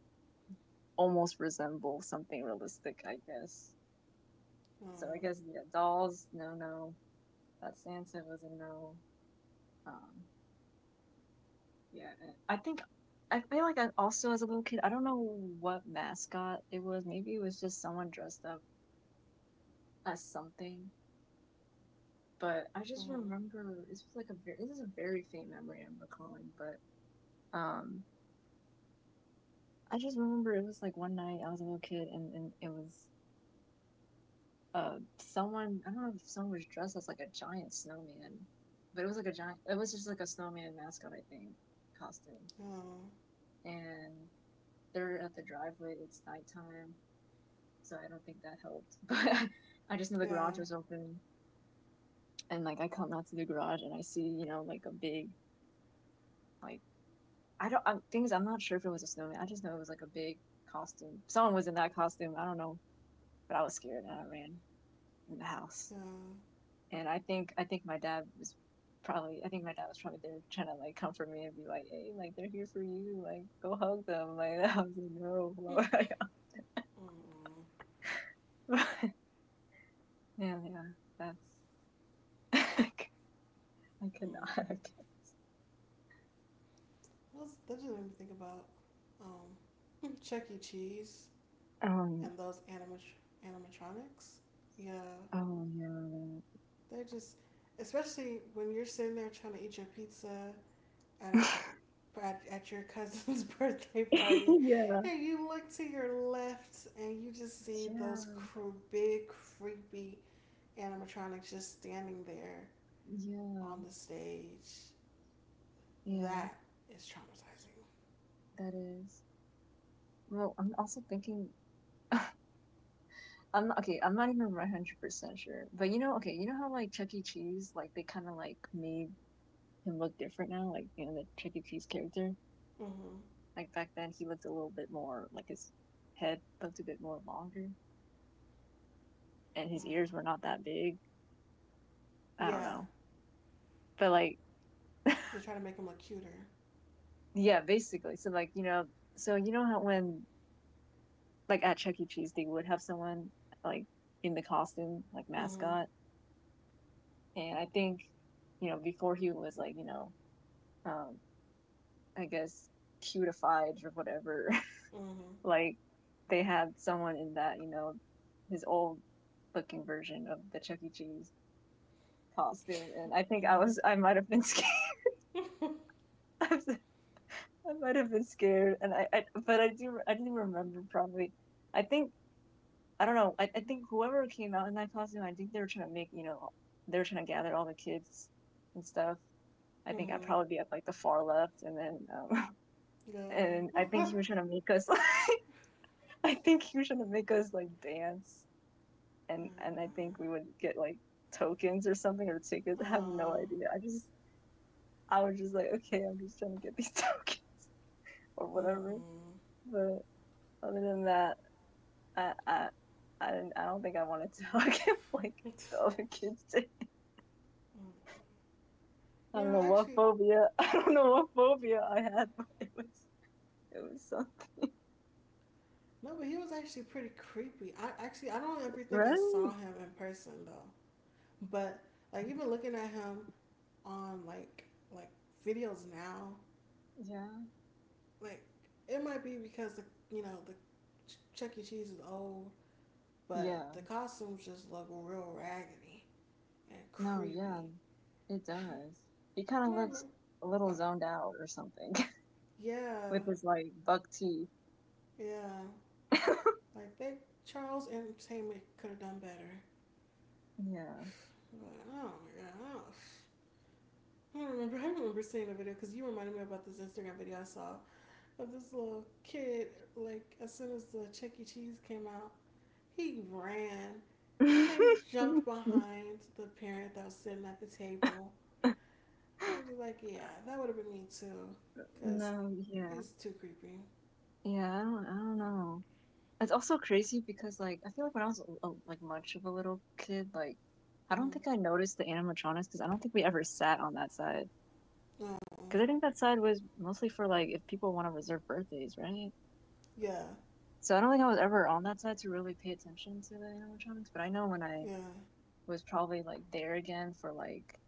[SPEAKER 2] almost resemble something realistic, I guess. So I
[SPEAKER 1] Mhm.
[SPEAKER 2] guess yeah, dolls, no, no. That Santa was a no. Um, yeah, I think I feel like I also as a little kid, I don't know what mascot it was. Maybe it was just someone dressed up as something. But I just
[SPEAKER 1] Mhm.
[SPEAKER 2] remember it's like a very, this is a very faint memory I'm recalling, but um I just remember it was like one night I was a little kid, and, and it was uh someone, I don't know if someone was dressed as like a giant snowman, but it was like a giant, it was just like a snowman mascot, I think, costume.
[SPEAKER 1] Oh,
[SPEAKER 2] And they're at the driveway, it's nighttime, so I don't think that helped. But I just know the
[SPEAKER 1] yeah,
[SPEAKER 2] garage was open, and like I come out to the garage and I see you know like a big like I don't I'm, things, I'm not sure if it was a snowman. I just know it was like a big costume. Someone was in that costume. I don't know, but I was scared and I ran in the house.
[SPEAKER 1] yeah. Mm.
[SPEAKER 2] And I think I think my dad was probably, I think my dad was probably there, trying to like comfort me and be like, hey, like they're here for you, like go hug them. Like I was like, no, yeah, yeah, that's I cannot.
[SPEAKER 1] That's, that just made me think about um, Chuck E. Cheese
[SPEAKER 2] Um,
[SPEAKER 1] and those animat- animatronics. Yeah,
[SPEAKER 2] oh yeah,
[SPEAKER 1] they just, especially when you're sitting there trying to eat your pizza at
[SPEAKER 2] that.
[SPEAKER 1] a, at, at your cousin's birthday party,
[SPEAKER 2] Yeah,
[SPEAKER 1] and you look to your left and you just see
[SPEAKER 2] yeah,
[SPEAKER 1] those cr- big, creepy animatronics just standing there
[SPEAKER 2] yeah,
[SPEAKER 1] on the stage.
[SPEAKER 2] yeah.
[SPEAKER 1] That is traumatizing.
[SPEAKER 2] That is. Well, I'm also thinking. I'm not okay. I'm not even one hundred percent sure. But you know, okay, you know how like Chuck E. Cheese, like they kind of like made him look different now. Like you know the Chuck E. Cheese character.
[SPEAKER 1] Mhm.
[SPEAKER 2] Like back then, he looked a little bit more like his head looked a bit more longer, and his
[SPEAKER 1] Wow.
[SPEAKER 2] ears were not that big. I don't
[SPEAKER 1] Yeah.
[SPEAKER 2] know, but like
[SPEAKER 1] They try to make them look cuter.
[SPEAKER 2] yeah, basically. So like you know, so you know how when like at Chuck E. Cheese, they would have someone like in the costume, like
[SPEAKER 1] Mhm.
[SPEAKER 2] mascot. And I think, you know, before he was like, you know, um, I guess cutified or whatever,
[SPEAKER 1] Mhm.
[SPEAKER 2] like they had someone in that, you know, his old looking version of the Chuck E. Cheese costume. And I think I
[SPEAKER 1] Mhm.
[SPEAKER 2] was, I might have been scared. I might have been scared. And I, I, but I do, I didn't remember probably. I think I don't know. I, I think whoever came out in that costume, I think they were trying to make, you know, they were trying to gather all the kids and stuff. I think I'd
[SPEAKER 1] Mhm.
[SPEAKER 2] probably be at like the far left, and then um,
[SPEAKER 1] Yeah.
[SPEAKER 2] and I think
[SPEAKER 1] Woo.
[SPEAKER 2] he was trying to make us like I think he was trying to make us like dance, and and I think we would get like tokens or something or tickets. I have no
[SPEAKER 1] Uh,
[SPEAKER 2] idea. I just I was just like, okay, I'm just trying to get these tokens or whatever.
[SPEAKER 1] mm-mm.
[SPEAKER 2] But other than that, I I I didn't. I don't think I wanted to hug him like the other kids did. I
[SPEAKER 1] You
[SPEAKER 2] don't
[SPEAKER 1] know,
[SPEAKER 2] know what
[SPEAKER 1] actually,
[SPEAKER 2] phobia. I don't know what phobia I had, but it was it was something.
[SPEAKER 1] no, but he was actually pretty creepy. I actually, I don't ever think I saw
[SPEAKER 2] Right?
[SPEAKER 1] him in person though. But like even looking at him on like like videos now,
[SPEAKER 2] Yeah.
[SPEAKER 1] like it might be because the you know the Ch- Chuck E. Cheese is old, but
[SPEAKER 2] Yeah.
[SPEAKER 1] the costumes just look real raggedy and
[SPEAKER 2] No,
[SPEAKER 1] creepy.
[SPEAKER 2] yeah, it
[SPEAKER 1] I
[SPEAKER 2] does. He kind of
[SPEAKER 1] don't
[SPEAKER 2] looks
[SPEAKER 1] remember.
[SPEAKER 2] a little
[SPEAKER 1] Oh,
[SPEAKER 2] zoned out or something
[SPEAKER 1] yeah,
[SPEAKER 2] with his like buck teeth.
[SPEAKER 1] yeah. Like they Charles Entertainment could have done better.
[SPEAKER 2] Yeah.
[SPEAKER 1] But oh my god, I don't remember. I remember seeing a video because you reminded me about this Instagram video I saw of this little kid. Like as soon as the Chuck E. Cheese came out, he ran and jumped behind the parent that was sitting at the table. And I was like, yeah, that would have been me too, because
[SPEAKER 2] No, yeah.
[SPEAKER 1] it's too creepy.
[SPEAKER 2] Yeah, I don't, I don't know. It's also crazy because like I feel like when I was a, like much of a little kid, like I don't
[SPEAKER 1] Mm-hmm.
[SPEAKER 2] think I noticed the animatronics because I don't think we ever sat on that side.
[SPEAKER 1] Oh
[SPEAKER 2] Because I think that side was mostly for like if people want to reserve birthdays, right?
[SPEAKER 1] yeah,
[SPEAKER 2] So I don't think I was ever on that side to really pay attention to the animatronics, but I know when I
[SPEAKER 1] Yeah,
[SPEAKER 2] was probably like there again for like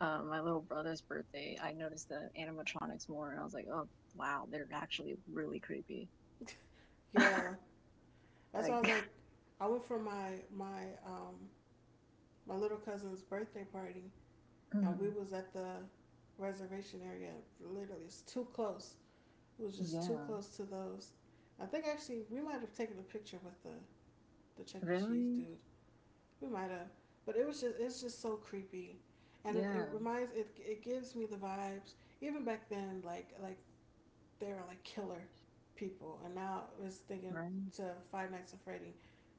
[SPEAKER 2] um, my little brother's birthday, I noticed the animatronics more and I was like, oh wow, they're actually really creepy. Like,
[SPEAKER 1] yeah. That's why I was like, I went for my my um my little cousin's birthday party, and we was at the reservation area. Literally, it's too close. It was just too
[SPEAKER 2] yeah,
[SPEAKER 1] close to those. I think actually we might have taken a picture with the the Chuck E. Cheese
[SPEAKER 2] really?
[SPEAKER 1] dude. We might have, but it was just it's just so creepy, and it, it
[SPEAKER 2] Yeah,
[SPEAKER 1] reminds it it gives me the vibes. Even back then, like like they were like killer people, and now I was thinking
[SPEAKER 2] right?
[SPEAKER 1] to Five Nights at Freddy,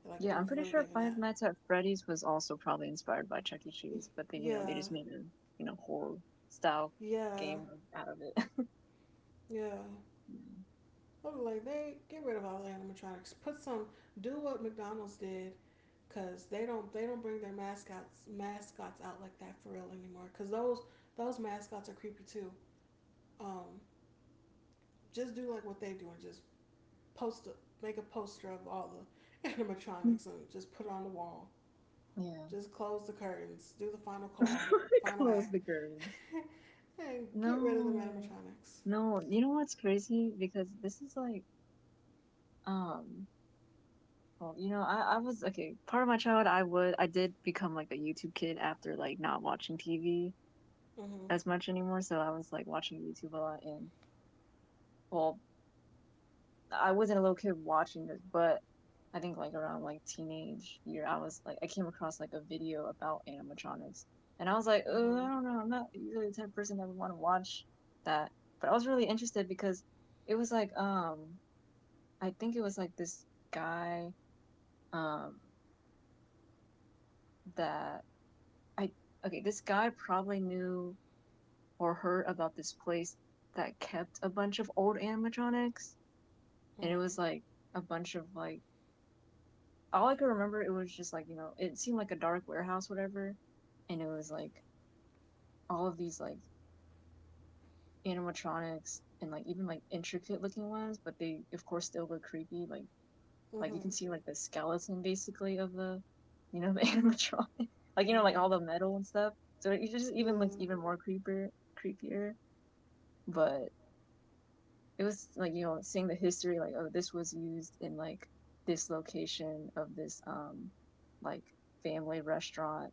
[SPEAKER 1] like it
[SPEAKER 2] Yeah,
[SPEAKER 1] was
[SPEAKER 2] I'm pretty
[SPEAKER 1] really
[SPEAKER 2] sure
[SPEAKER 1] giving
[SPEAKER 2] Five
[SPEAKER 1] that.
[SPEAKER 2] Nights at Freddy's was also probably inspired by Chuck E. Cheese, but they, you know, they
[SPEAKER 1] Yeah,
[SPEAKER 2] just made a, you know, horror style
[SPEAKER 1] yeah,
[SPEAKER 2] game out of it.
[SPEAKER 1] yeah.
[SPEAKER 2] Yeah.
[SPEAKER 1] I was like, they get rid of all the animatronics. Put some, do what McDonald's did, cause they don't they don't bring their mascots mascots out like that for real anymore. Cause those those mascots are creepy too. Um, just do like what they do and just post a, make a poster of all the animatronics and just put it on the wall.
[SPEAKER 2] Yeah.
[SPEAKER 1] Just close the curtains, do the final call, final
[SPEAKER 2] Close
[SPEAKER 1] act,
[SPEAKER 2] the curtains.
[SPEAKER 1] and get rid of the
[SPEAKER 2] No.
[SPEAKER 1] animatronics.
[SPEAKER 2] No, you know what's crazy? Because this is like, um, well, you know, I, I was, okay, part of my childhood, I would, I did become like a YouTube kid after like not watching T V
[SPEAKER 1] Mhm.
[SPEAKER 2] as much anymore. So I was like watching YouTube a lot, and, well, I wasn't a little kid watching this, but I think like around like teenage year, I was like I came across like a video about animatronics, and I was like, oh,
[SPEAKER 1] Mhm.
[SPEAKER 2] I don't know, I'm not usually the type of person that would want to watch that, but I was really interested because it was like um I think it was like this guy um that I okay, this guy probably knew or heard about this place that kept a bunch of old animatronics, and it
[SPEAKER 1] Mhm.
[SPEAKER 2] was like a bunch of like all I could remember, it was just like you know it seemed like a dark warehouse whatever, and it was like all of these like animatronics, and like even like intricate looking ones, but they of course still look creepy. Like like you
[SPEAKER 1] Mhm.
[SPEAKER 2] can see like the skeleton basically of the you know the animatronic, like you know
[SPEAKER 1] Mhm.
[SPEAKER 2] like all the metal and stuff. So it just
[SPEAKER 1] Yeah.
[SPEAKER 2] even looked even more creeper creepier. But it was like you know seeing the history like oh this was used in like this location of this um like family restaurant.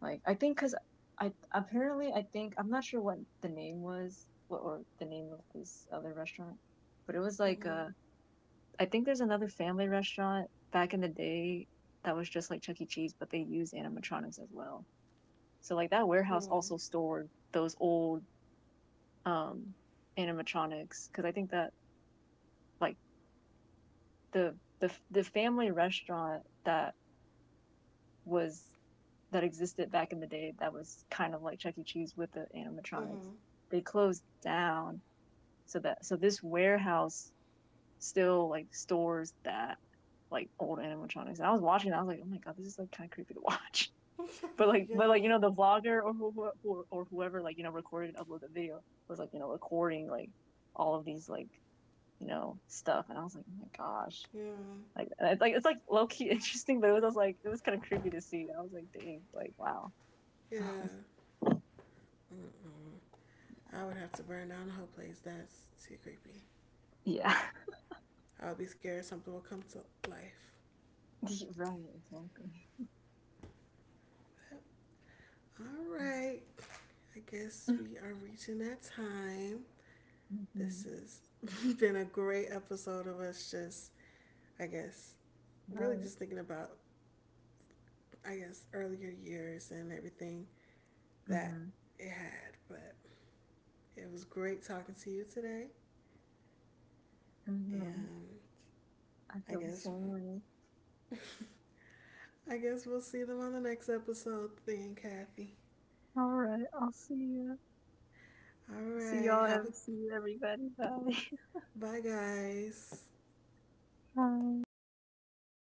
[SPEAKER 2] Like I think because I apparently I think I'm not sure what the name was what, or the name of this other restaurant, but it was like
[SPEAKER 1] Mhm.
[SPEAKER 2] uh I think there's another family restaurant back in the day that was just like Chuck E. Cheese, but they use animatronics as well. So like that warehouse
[SPEAKER 1] Mhm.
[SPEAKER 2] also stored those old um animatronics, because I think that like the the the family restaurant that was that existed back in the day that was kind of like Chuck E. Cheese with the animatronics.
[SPEAKER 1] Mhm.
[SPEAKER 2] They closed down, so that so this warehouse still like stores that like old animatronics. And I was watching, that, I was like, oh my god, this is like kind of creepy to watch. But like, but like you know, the vlogger or who, who or whoever like you know recorded and uploaded the video was like you know recording like all of these like you know stuff, and I was like, oh my gosh,
[SPEAKER 1] Yeah.
[SPEAKER 2] like it's like it's like low key interesting, but it was, I was like it was kind of creepy to see. I was like, dang, like wow.
[SPEAKER 1] Yeah. Mm-mm. I would have to burn down the whole place. That's too creepy.
[SPEAKER 2] Yeah.
[SPEAKER 1] I would be scared something will come to life.
[SPEAKER 2] The- right, exactly.
[SPEAKER 1] But, all
[SPEAKER 2] Yeah.
[SPEAKER 1] right. I guess we are reaching that time. This
[SPEAKER 2] Hmm.
[SPEAKER 1] has been a great episode of us just, I guess, really
[SPEAKER 2] Right.
[SPEAKER 1] just thinking about, I guess, earlier years and everything that
[SPEAKER 2] Hmm.
[SPEAKER 1] it had. But it was great talking to you today.
[SPEAKER 2] Hmm.
[SPEAKER 1] And
[SPEAKER 2] I
[SPEAKER 1] I
[SPEAKER 2] feel the
[SPEAKER 1] guess,
[SPEAKER 2] same way.
[SPEAKER 1] I guess we'll see them on the next episode, then, Kathy.
[SPEAKER 2] All right, I'll see you.
[SPEAKER 1] All
[SPEAKER 2] See
[SPEAKER 1] right.
[SPEAKER 2] y'all.
[SPEAKER 1] Have a,
[SPEAKER 2] Ev- see you, everybody. Bye.
[SPEAKER 1] bye, guys.
[SPEAKER 2] Bye.